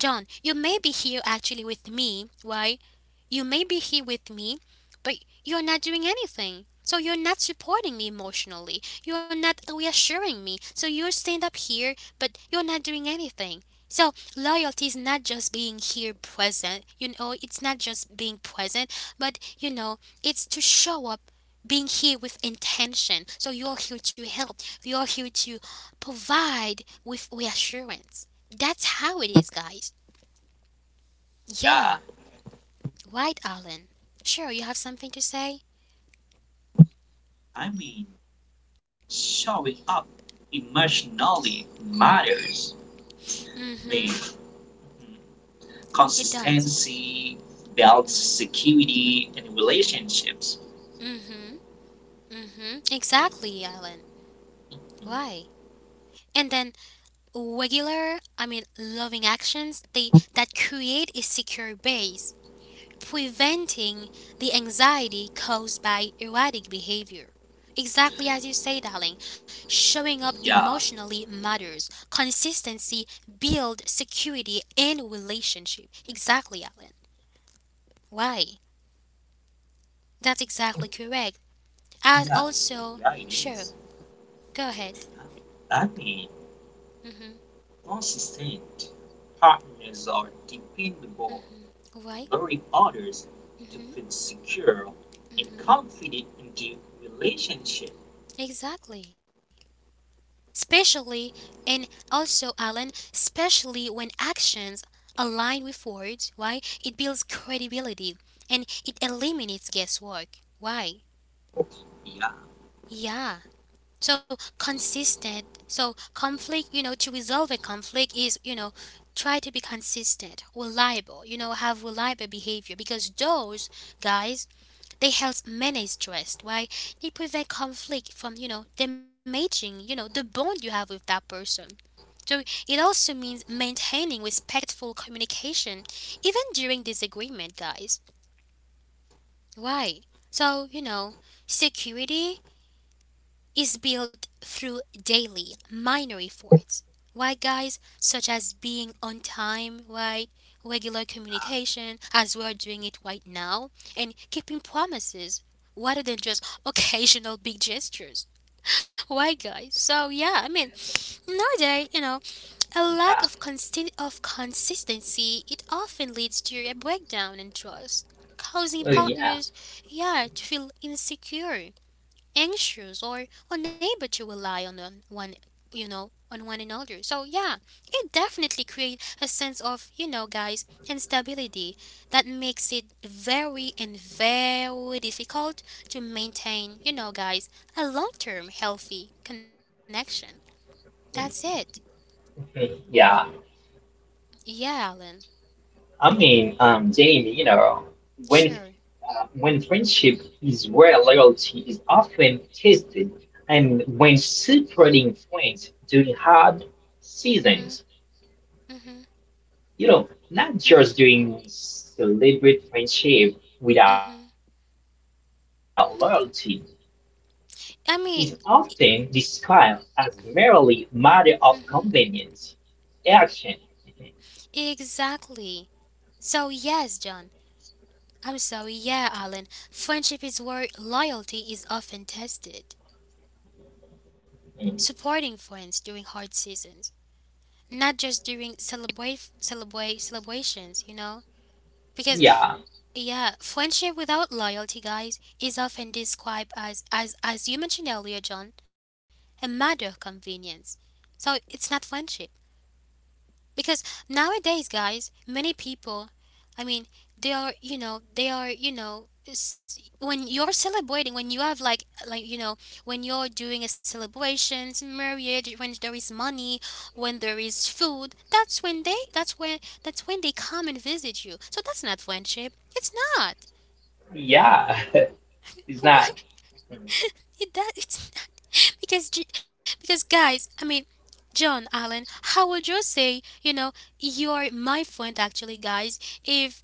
S1: John, you may be here actually with me. Why? You may be here with me, but you're not doing anything. So you're not supporting me emotionally. You're not reassuring me. So you stand up here, but you're not doing anything. So loyalty is not just being here present. You know, it's not just being present, but you know, it's to show up being here with intention. So you're here to help. You're here to provide with reassurance. That's how it is, guys.
S3: yeah.
S1: Yeah, White Alan. Sure, you have something to say?
S3: I mean, showing up emotionally matters.
S1: Mm
S3: I
S1: hmm,
S3: mean,
S1: it does.
S3: consistency builds security and relationships.
S1: Mm hmm, mm hmm. Exactly, Alan. Why? And then regular, I mean, loving actions, they that create a secure base. Preventing the anxiety caused by erratic behavior. Exactly as you say, darling, showing up
S3: Yeah,
S1: emotionally matters. Consistency builds security and relationship. Exactly, Alan. Why? That's exactly correct. As
S3: yeah,
S1: also,
S3: yeah, it
S1: sure,
S3: is.
S1: go ahead.
S3: I mean,
S1: Hmm.
S3: consistent partners are dependable,
S1: Why?
S3: luring others to feel
S1: Hmm.
S3: secure and
S1: Hmm.
S3: confident in the relationship.
S1: Exactly. Especially, and also, Alan, especially when actions align with words, why? It builds credibility and it eliminates guesswork. Why?
S3: Yeah,
S1: Yeah. So, consistent. So, conflict, you know, to resolve a conflict is, you know, try to be consistent, reliable, you know, have reliable behavior because those guys, they help manage stress. Why? They prevent conflict from, you know, damaging, you know, the bond you have with that person. So it also means maintaining respectful communication even during disagreement, guys. Why? So, you know, security is built through daily minor efforts. Why, guys? Such as being on time, right? Regular communication, as we are doing it right now, and keeping promises rather than just occasional big gestures. Why, guys? So, yeah, I mean, nowadays, you know, a lack
S2: Yeah,
S1: of, consti- of consistency, it often leads to a breakdown in trust, causing
S2: well, yeah,
S1: partners yeah, to feel insecure, anxious, or unable to rely on on one, you know, on one another. So yeah, it definitely creates a sense of, you know, guys, instability that makes it very and very difficult to maintain, you know, guys, a long-term healthy connection. That's it.
S2: mhm, yeah.
S1: Yeah, Alan.
S2: I mean, um, Jamie, you know, when
S1: Sure.
S2: uh, when friendship is where loyalty is often tested, and when supporting friends during hard
S1: Mm-hmm.
S2: seasons
S1: Mm-hmm.
S2: you know, not just
S1: Mm-hmm.
S2: doing celebrate friendship without
S1: Mm-hmm.
S2: loyalty is often
S1: I mean,
S2: described as merely matter of convenience,
S1: mm-hmm.
S2: action.
S1: Exactly. So yes, John. I'm sorry. Yeah, Alan. Friendship is where loyalty is often tested.
S2: Mm.
S1: Supporting friends during hard seasons, not just during celebrate celebrate celebrations. You know, because
S2: Yeah,
S1: yeah, friendship without loyalty, guys, is often described as as as you mentioned earlier, John, a matter of convenience. So it's not friendship. Because nowadays guys, many people, I mean, they are you know, they are you know, s- when you're celebrating, when you have like like you know, when you're doing a celebrations, marriage, when there is money, when there is food, that's when they, that's when that's when they come and visit you. So that's not friendship. It's not.
S2: yeah, it's not.
S1: Why? It does. It's not. because J- because guys, I mean, John Allen, how would you say? You know, you're my friend actually, guys. If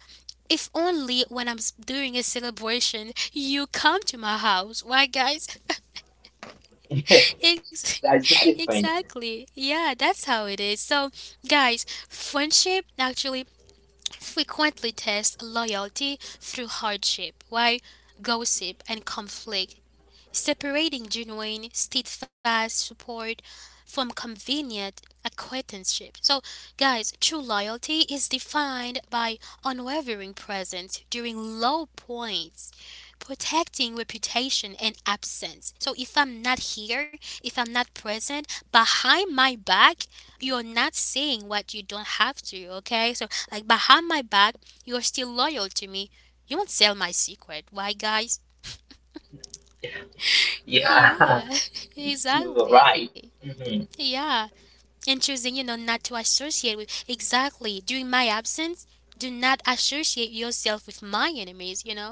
S1: if only when I'm s- doing a celebration, you come to my house, right, guys? Ex-
S2: That's not a friend.
S1: exactly. Yeah, that's how it is. So, guys, friendship actually frequently tests loyalty through hardship, right? Gossip and conflict separating genuine, steadfast support from convenient acquaintanceship. So, guys, true loyalty is defined by unwavering presence during low points, protecting reputation and absence. So, if I'm not here, if I'm not present, behind my back, you're not saying what you don't have to, okay? So, like behind my back, you're still loyal to me. You won't sell my secret. Why, guys?
S2: Yeah,
S1: Yeah,
S2: you're
S1: exactly.
S2: right. Mhm.
S1: Yeah, and choosing, you know, not to associate with. Exactly. During my absence, do not associate yourself with my enemies, you know?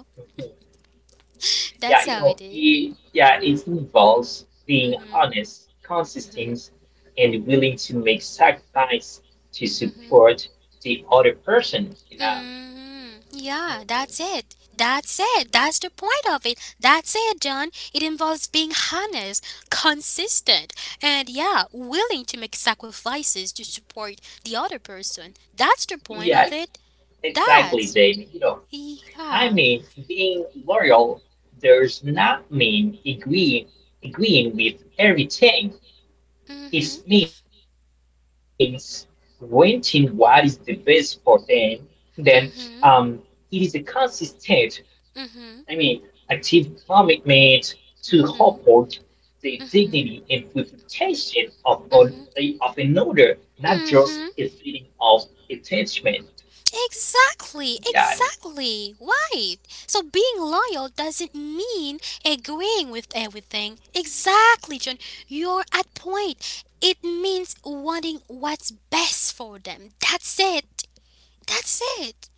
S1: That's
S2: Yeah, you
S1: how it
S2: know,
S1: is.
S2: it, yeah, it involves being
S1: Mm-hmm.
S2: honest, consistent, and willing to make sacrifice to
S1: Mm-hmm.
S2: support the other person. You know,
S1: Mm-hmm. Yeah, that's it. That's it. That's the point of it. That's it, John. It involves being honest, consistent, and yeah, willing to make sacrifices to support the other person. That's the point
S2: yes,
S1: of it.
S2: exactly,
S1: That.
S2: Jamie. You know, I
S1: Yeah.
S2: mean, being loyal does not mean agree agreeing with everything.
S1: Mhm.
S2: It means renting what is the best for them. Then um,
S1: Mhm.
S2: it is a consistent, I mean,
S1: Mhm.
S2: active commitment to
S1: Mhm.
S2: uphold the
S1: Mhm.
S2: dignity and reputation of, of,
S1: Mhm.
S2: of another, not just
S1: Mhm.
S2: a feeling of attachment.
S1: Exactly.
S2: Yeah,
S1: Exactly. Right. So being loyal doesn't mean agreeing with everything. Exactly, John. You're at point. It means wanting what's best for them. That's it. That's it.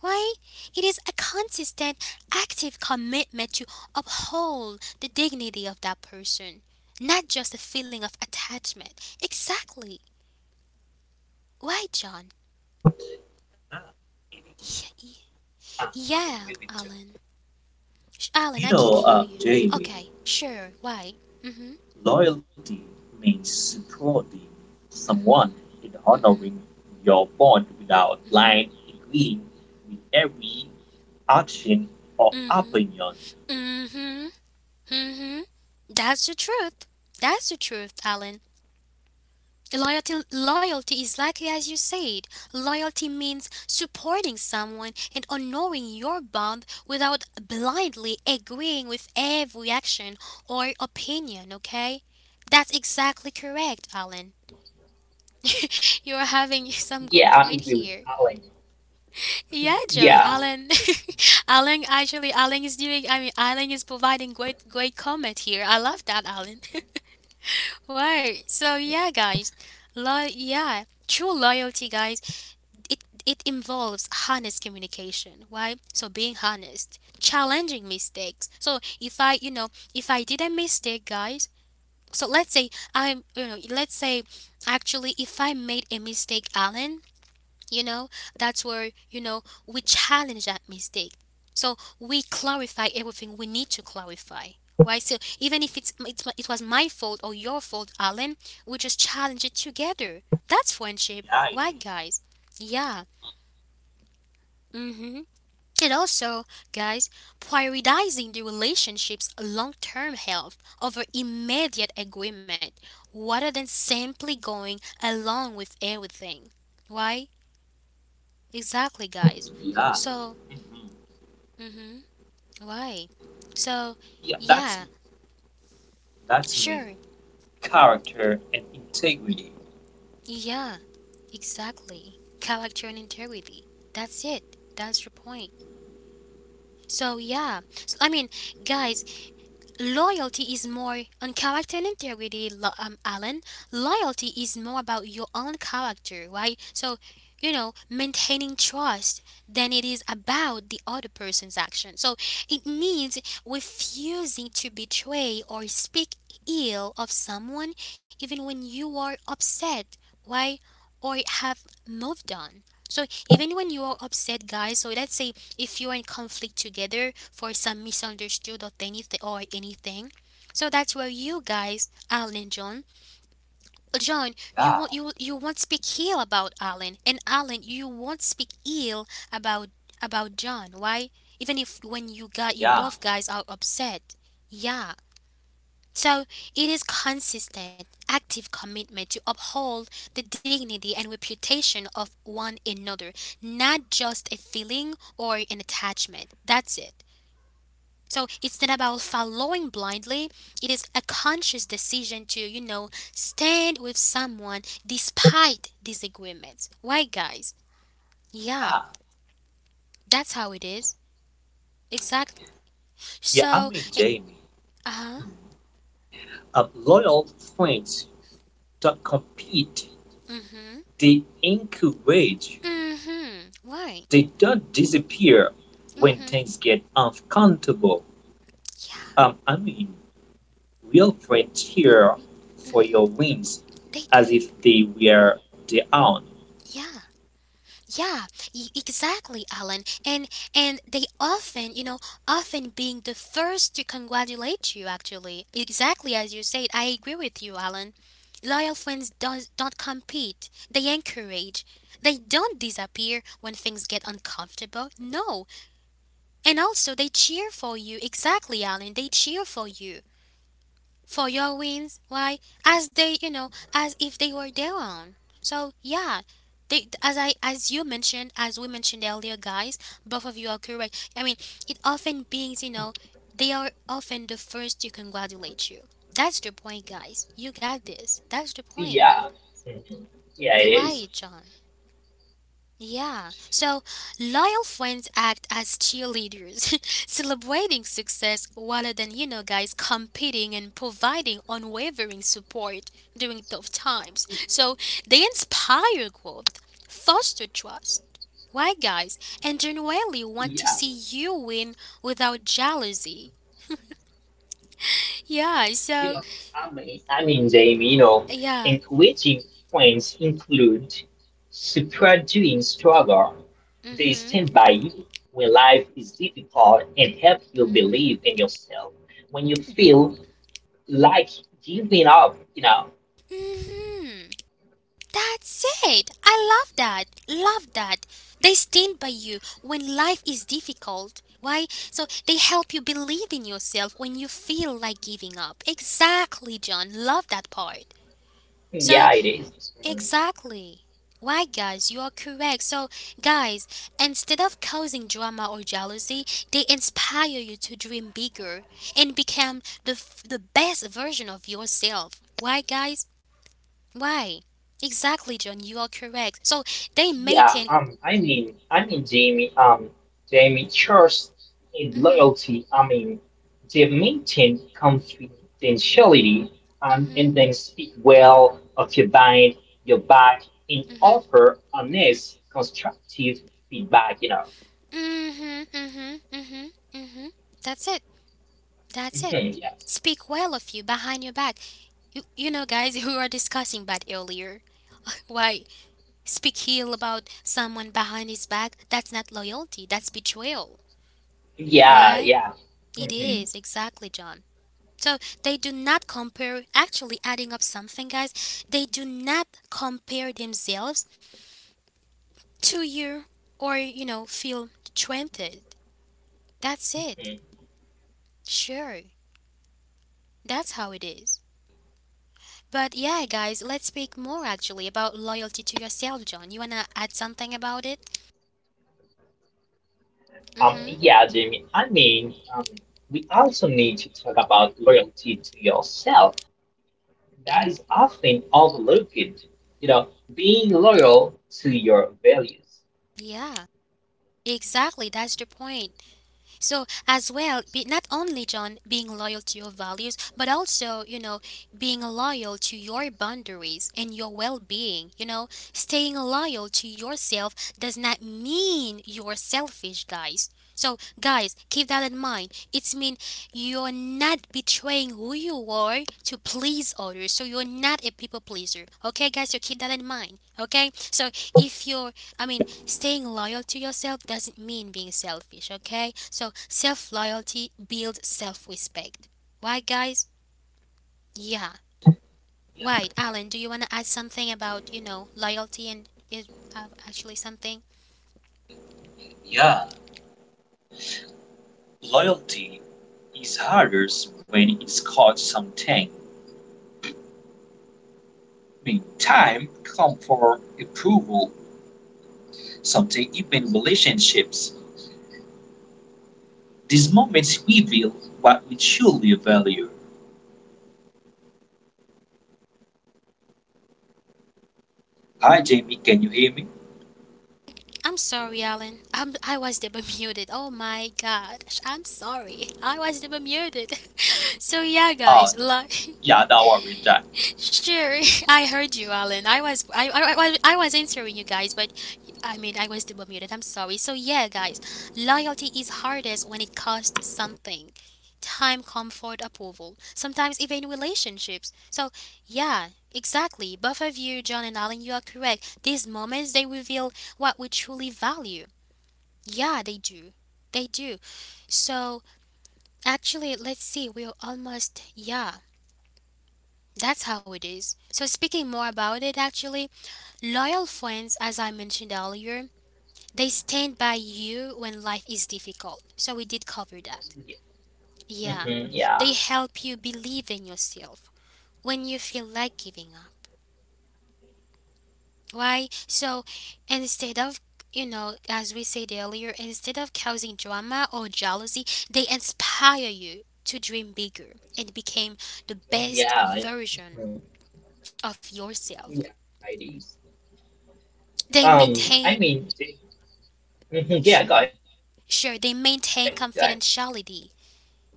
S1: Why, it is a consistent, active commitment to uphold the dignity of that person, not just a feeling of attachment. Exactly. Why, John?
S3: it is.
S1: Yeah, yeah
S3: I, I'm agree
S1: yeah,
S3: with you.
S1: Alan. Sh- Alan,
S3: You
S1: I can't
S3: know,
S1: hear
S3: uh,
S1: you.
S3: Jamie,
S1: Okay, sure. Why? Mm-hmm.
S3: loyalty means supporting someone in honoring
S1: Mm-hmm.
S3: your bond without
S1: Mm-hmm.
S3: blind agreeing with every action or
S1: Mm-hmm.
S3: opinion.
S1: Mm-hmm. Mm-hmm. That's the truth. That's the truth, Alan. Loyalty, loyalty is likely as you said. Loyalty means supporting someone and honoring your bond without blindly agreeing with every action or opinion, okay? That's exactly correct, Alan. You're having some good
S2: yeah, I
S1: point
S2: agree with
S1: here.
S2: Alan.
S1: Yeah, John,
S2: Yeah,
S1: Alan, Alan, actually, Alan is doing, I mean, Alan is providing great, great comment here. I love that, Alan. Right. So yeah, guys. Lo- yeah. True loyalty, guys, it it involves honest communication, right? So being honest, challenging mistakes. So if I, you know, if I did a mistake, guys, so let's say I'm, you know, let's say actually if I made a mistake, Alan, you know, that's where, you know, we challenge that mistake. So we clarify everything we need to clarify, right? So even if it's, it's my- it was my fault or your fault, Alan, we just challenge it together. That's friendship,
S3: Yeah,
S1: right
S3: it
S1: guys? Yeah. Hmm. And also, guys, prioritizing the relationship's long term health over immediate agreement rather than simply going along with everything. Why? Exactly, guys.
S3: is. Yeah.
S1: So,
S3: Hmm.
S1: hmm, why? So,
S3: Yeah, that's
S1: yeah,
S3: that's me.
S1: sure,
S3: Character and integrity.
S1: yeah, exactly. Character and integrity. That's it. That's your point. So, yeah, so, I mean, guys, loyalty is more on character and integrity, lo- um, Alan. Loyalty is more about your own character, right? So, you know, maintaining trust than it is about the other person's action. So, it means refusing to betray or speak ill of someone even when you are upset, why, or have moved on. So, even when you are upset, guys, so let's say if you're in conflict together for some misunderstood or anything or anything. So that's where you guys, Alan and John, uh, John, you won't
S3: Yeah,
S1: you you won't speak ill about Alan, and Alan, you won't speak ill about about John. Why? Even if when you got you
S3: yeah,
S1: both guys are upset, yeah. So it is consistent, active commitment to uphold the dignity and reputation of one another, not just a feeling or an attachment. That's it. So it's not about following blindly. It is a conscious decision to, you know, stand with someone despite disagreements. Right, guys? Yeah,
S3: yeah.
S1: that's how it is. Exactly.
S3: Yeah, I
S1: So,
S3: mean
S1: it,
S3: Jamie.
S1: uh-huh.
S3: Mm. Uh, loyal friends don't compete.
S1: Mm-hmm.
S3: They encourage.
S1: Mm-hmm. Right.
S3: They don't disappear when
S1: Mm-hmm.
S3: things get uncomfortable.
S1: Yeah.
S3: Um, I mean, Wilfred here for
S1: Mhm.
S3: your wins
S1: They
S3: as
S1: do.
S3: if they were their own.
S1: Yeah. Yeah, e- exactly, Alan. And and they often, you know, often being the first to congratulate you actually. Exactly as you said. I agree with you, Alan. Loyal friends does don't compete. They encourage. They don't disappear when things get uncomfortable. No. And also they cheer for you. Exactly, Alan. They cheer for you for your wins why as they, you know, as if they were their own. So yeah, they, as I as you mentioned, as we mentioned earlier, guys, both of you are correct. I mean, it often beings, you know, they are often the first to congratulate you. That's the point, guys. You got this. That's the
S2: yeah,
S1: point.
S2: mhm, yeah, it is.
S1: Why, John? Yeah, so loyal friends act as cheerleaders, celebrating success rather than, you know, guys competing and providing unwavering support during tough times. So they inspire growth, foster trust. Why, guys? And genuinely want to
S2: Yeah.
S1: see you win without jealousy. Yeah,
S2: You
S1: so,
S2: know, I mean, I mean, Jamie, you know,
S1: yeah.
S2: encouraging friends include supporting struggle. They
S1: Mm
S2: stand by you when life is difficult and help you
S1: hmm. Mm
S2: believe in yourself. When you feel like giving up, you know,
S1: hmm. That's it. I love that. Love that. They stand by you when life is difficult. Why? So they help you believe in yourself when you feel like giving up. Exactly, John. Love that part. So,
S2: yeah, it is.
S1: exactly. Why, guys, you are correct. So, guys, instead of causing drama or jealousy, they inspire you to dream bigger and become the, f- the best version of yourself. Why, guys? Why? Exactly, John. You are correct. So they
S2: Yeah,
S1: maintain.
S2: um, I mean, I mean, Jamie, um, Jamie, trust and
S1: Mhm.
S2: loyalty. I mean, they maintain confidentiality um,
S1: Mhm.
S2: and then speak well of your mind, your back, and
S1: Mhm.
S2: offer honest, constructive feedback. You know.
S1: Mhm. Mhm. Mhm. Mhm. That's it. That's it.
S2: Mhm, yes.
S1: Speak well of you behind your back. You, you know, guys, who are discussing that earlier. Why speak ill about someone behind his back? That's not loyalty. That's betrayal. You
S2: Yeah.
S1: Why?
S2: Yeah.
S1: It
S2: hmm
S1: is exactly, John. So they do not compare. Actually, adding up something, guys, they do not compare themselves two year or you know feel twenty. That's it. Sure, that's how it is. But yeah, guys, let's speak more actually about loyalty to yourself. John, you wanna add something about it?
S2: Um.
S1: Mm-hmm.
S2: Yeah, Jamie. I mean, um, we also need to talk about loyalty to yourself that is often overlooked. You know, being loyal to your values.
S1: Yeah, exactly, that's the point. So as well, be not only John being loyal to your values, but also, you know, being loyal to your boundaries and your well-being. You know, staying loyal to yourself does not mean you're selfish, guys. So guys, keep that in mind. It's mean you're not betraying who you are to please others. So you're not a people pleaser. Okay, guys, so keep that in mind. Okay, so if you're, I mean, staying loyal to yourself doesn't mean being selfish, okay? So, self loyalty builds self respect. Why, guys? Yeah.
S3: Yeah,
S1: Why, Alan, do you want to add something about, you know, loyalty and is uh, actually something?
S3: yeah. Loyalty is harder when it's caught something. Meantime, come for approval, something even relationships. These moments reveal what we truly value. Hi, Jamie, can you hear me?
S1: I'm sorry, Alan. I'm, I was the Bermuded. Oh my god. I'm sorry. I was the Bermuded. So, yeah,
S3: Oh,
S1: guys. Lo-
S3: yeah, don't worry, Jack.
S1: Sure, I heard you, Alan. I was I, I, I, was- I was answering you guys, but I mean I was double muted. I'm sorry. So yeah, guys, loyalty is hardest when it costs something. Time, comfort, approval. Sometimes even relationships. So yeah, exactly. Both of you, John and Alan, you are correct. These moments they reveal what we truly value. Yeah, they do. They do. So actually, let's see. We're almost yeah. That's how it is. So, speaking more about it, actually, loyal friends, as I mentioned earlier, they stand by you when life is difficult. So, we did cover that. Yeah.
S2: Yeah, mhm,
S1: They
S2: yeah,
S1: help you believe in yourself when you feel like giving up. Why? So, instead of, you know, as we said earlier, instead of causing drama or jealousy, they inspire you to dream bigger and become the best
S2: yeah, I-
S1: version
S2: mhm,
S1: of yourself.
S2: yeah. It is.
S1: They
S2: Um,
S1: maintain,
S2: I mean, mhm, yeah.
S1: sure,
S2: Go ahead, go ahead.
S1: sure, they maintain confidentiality.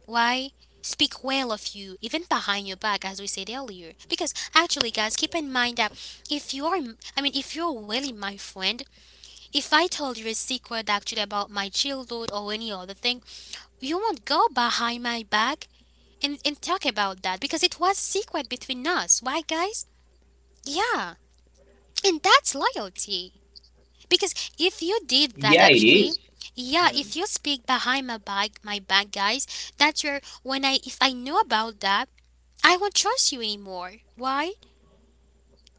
S1: Why? Speak well of you, even behind your back, as we said earlier. Because actually, guys, keep in mind that if you are, I mean, if you're really my friend, if I told you a secret actually about my childhood or any other thing, you won't go behind my back and, and talk about that because it was secret between us. Why, guys? Yeah. And that's loyalty. Because if you did
S2: Yeah,
S1: that
S2: it is.
S1: actually, yeah,
S2: Mhm,
S1: if you speak behind my back, my back, guys, that's where when I if I know about that, I won't trust you anymore. Why?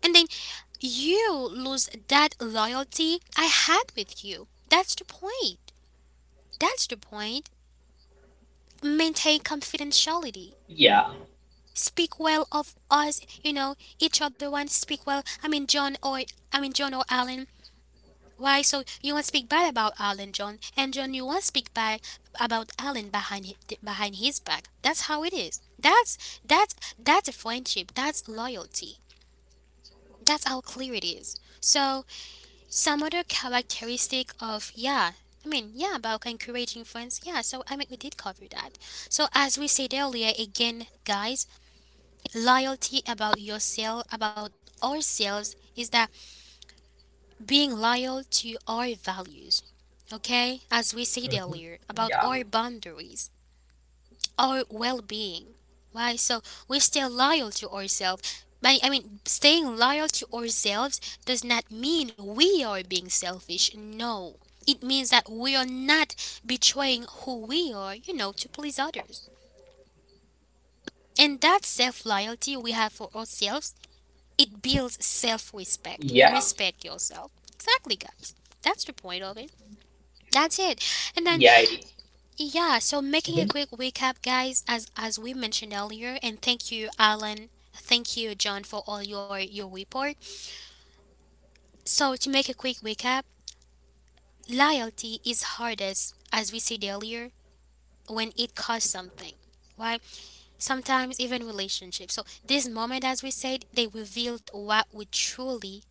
S1: And then you lose that loyalty I had with you. That's the point. That's the point. Maintain
S2: yeah,
S1: confidentiality. Speak well of us, you know, each other one speak well. I mean John or I mean John or Alan. Why? So you want to speak bad about Alan, John, and John, you want to speak bad about Alan behind hi- th- behind his back. That's how it is. That's that's that's a friendship. That's loyalty. That's how clear it is. So some other characteristic of yeah. I mean, yeah, about encouraging friends. Yeah, so I mean, we did cover that. So as we said earlier, again, guys, loyalty about yourself, about ourselves, is that being loyal to our values, okay? As we said earlier
S2: mhm,
S1: about our
S2: yeah,
S1: boundaries, our well being, why? So we stay loyal to ourselves. I I mean, staying loyal to ourselves does not mean we are being selfish. No. It means that we are not betraying who we are, you know, to please others. And that self loyalty we have for ourselves, it builds self
S2: yeah,
S1: respect. You respect yourself. Exactly, guys. That's the point of it. That's it. And
S2: yeah.
S1: then
S2: It is.
S1: yeah, so making
S2: Mhm,
S1: a quick recap, guys, as as we mentioned earlier, and thank you, Alan. Thank you, John, for all your your report. So to make a quick recap, loyalty is hardest, as we said earlier, when it costs something. Right? Sometimes even relationships. So this moment, as we said, they revealed what we truly,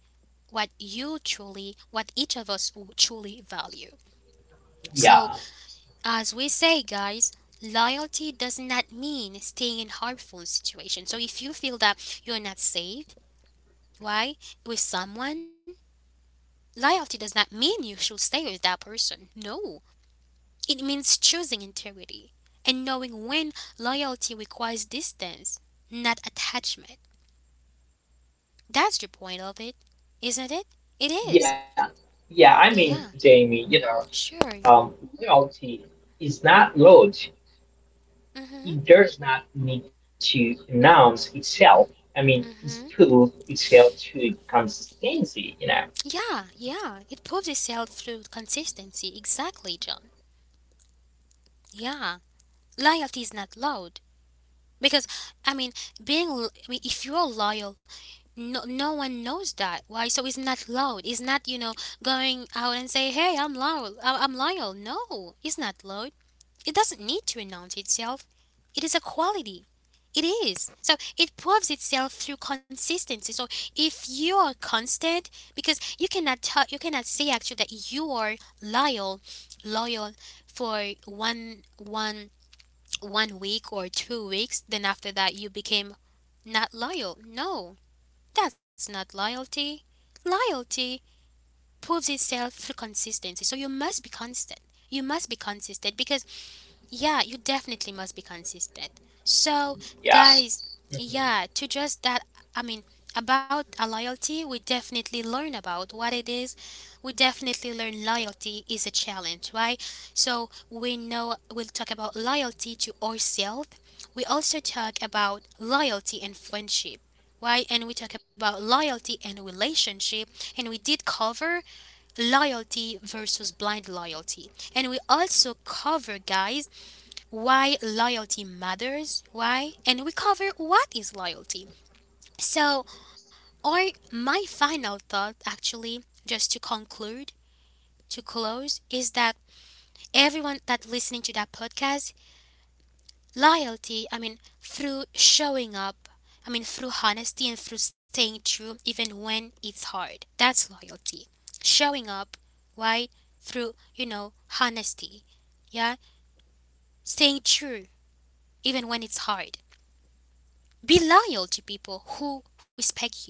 S1: what you truly, what each of us w- truly value. So
S2: yeah,
S1: as we say, guys, loyalty does not mean staying in harmful situations. So if you feel that you're not safe, why, with someone, loyalty does not mean you should stay with that person. No, it means choosing integrity and knowing when loyalty requires distance, not attachment. That's the point of it, isn't it? It is.
S2: yeah, yeah. I mean,
S1: Yeah,
S2: Jamie, you know,
S1: sure.
S2: um, loyalty is not loyal.
S1: Mhm.
S2: it does not need to announce itself. I mean, it's
S1: Mhm.
S2: proof itself to consistency, you know.
S1: Yeah, yeah. It proves itself through consistency. Exactly, John. Yeah, loyalty is not loud because I mean, being l- I mean, if you're loyal, no, no one knows that. Why? So it's not loud. It's not, you know, going out and say, "Hey, I'm loyal. I- I'm loyal." No, it's not loud. It doesn't need to announce itself. It is a quality. It is. So it proves itself through consistency. So if you are constant, because you cannot tell, you cannot say actually that you are loyal, loyal for one one one week or two weeks, then after that you became not loyal. No, that's not loyalty. Loyalty proves itself through consistency. So you must be constant. You must be consistent because yeah, you definitely must be consistent. So,
S2: Yeah.
S1: guys, yeah,
S2: Mm-hmm.
S1: to just that, I mean, about a loyalty, we definitely learn about what it is. We definitely learn loyalty is a challenge, right? So, we know we'll talk about loyalty to ourselves. We also talk about loyalty and friendship, right? And we talk about loyalty and relationship. And we did cover loyalty versus blind loyalty. And we also cover, guys, why loyalty matters, why, and we cover what is loyalty. So, or my final thought actually, just to conclude, to close, is that everyone that listening to that podcast, loyalty, I mean, through showing up, I mean, through honesty and through staying true even when it's hard. That's loyalty. Showing up, why? Through, you know, honesty. Yeah? Staying true even when it's hard. Be loyal to people who respect you.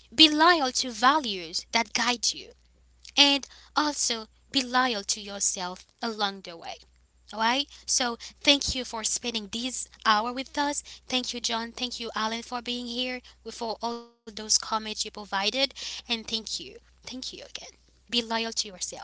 S1: Be loyal to values that guide you. And also be loyal to yourself along the way. Alright? So thank you for spending this hour with us. Thank you, John. Thank you, Alan, for being here, for all those comments you provided. And thank you. Thank you again. Be loyal to yourself.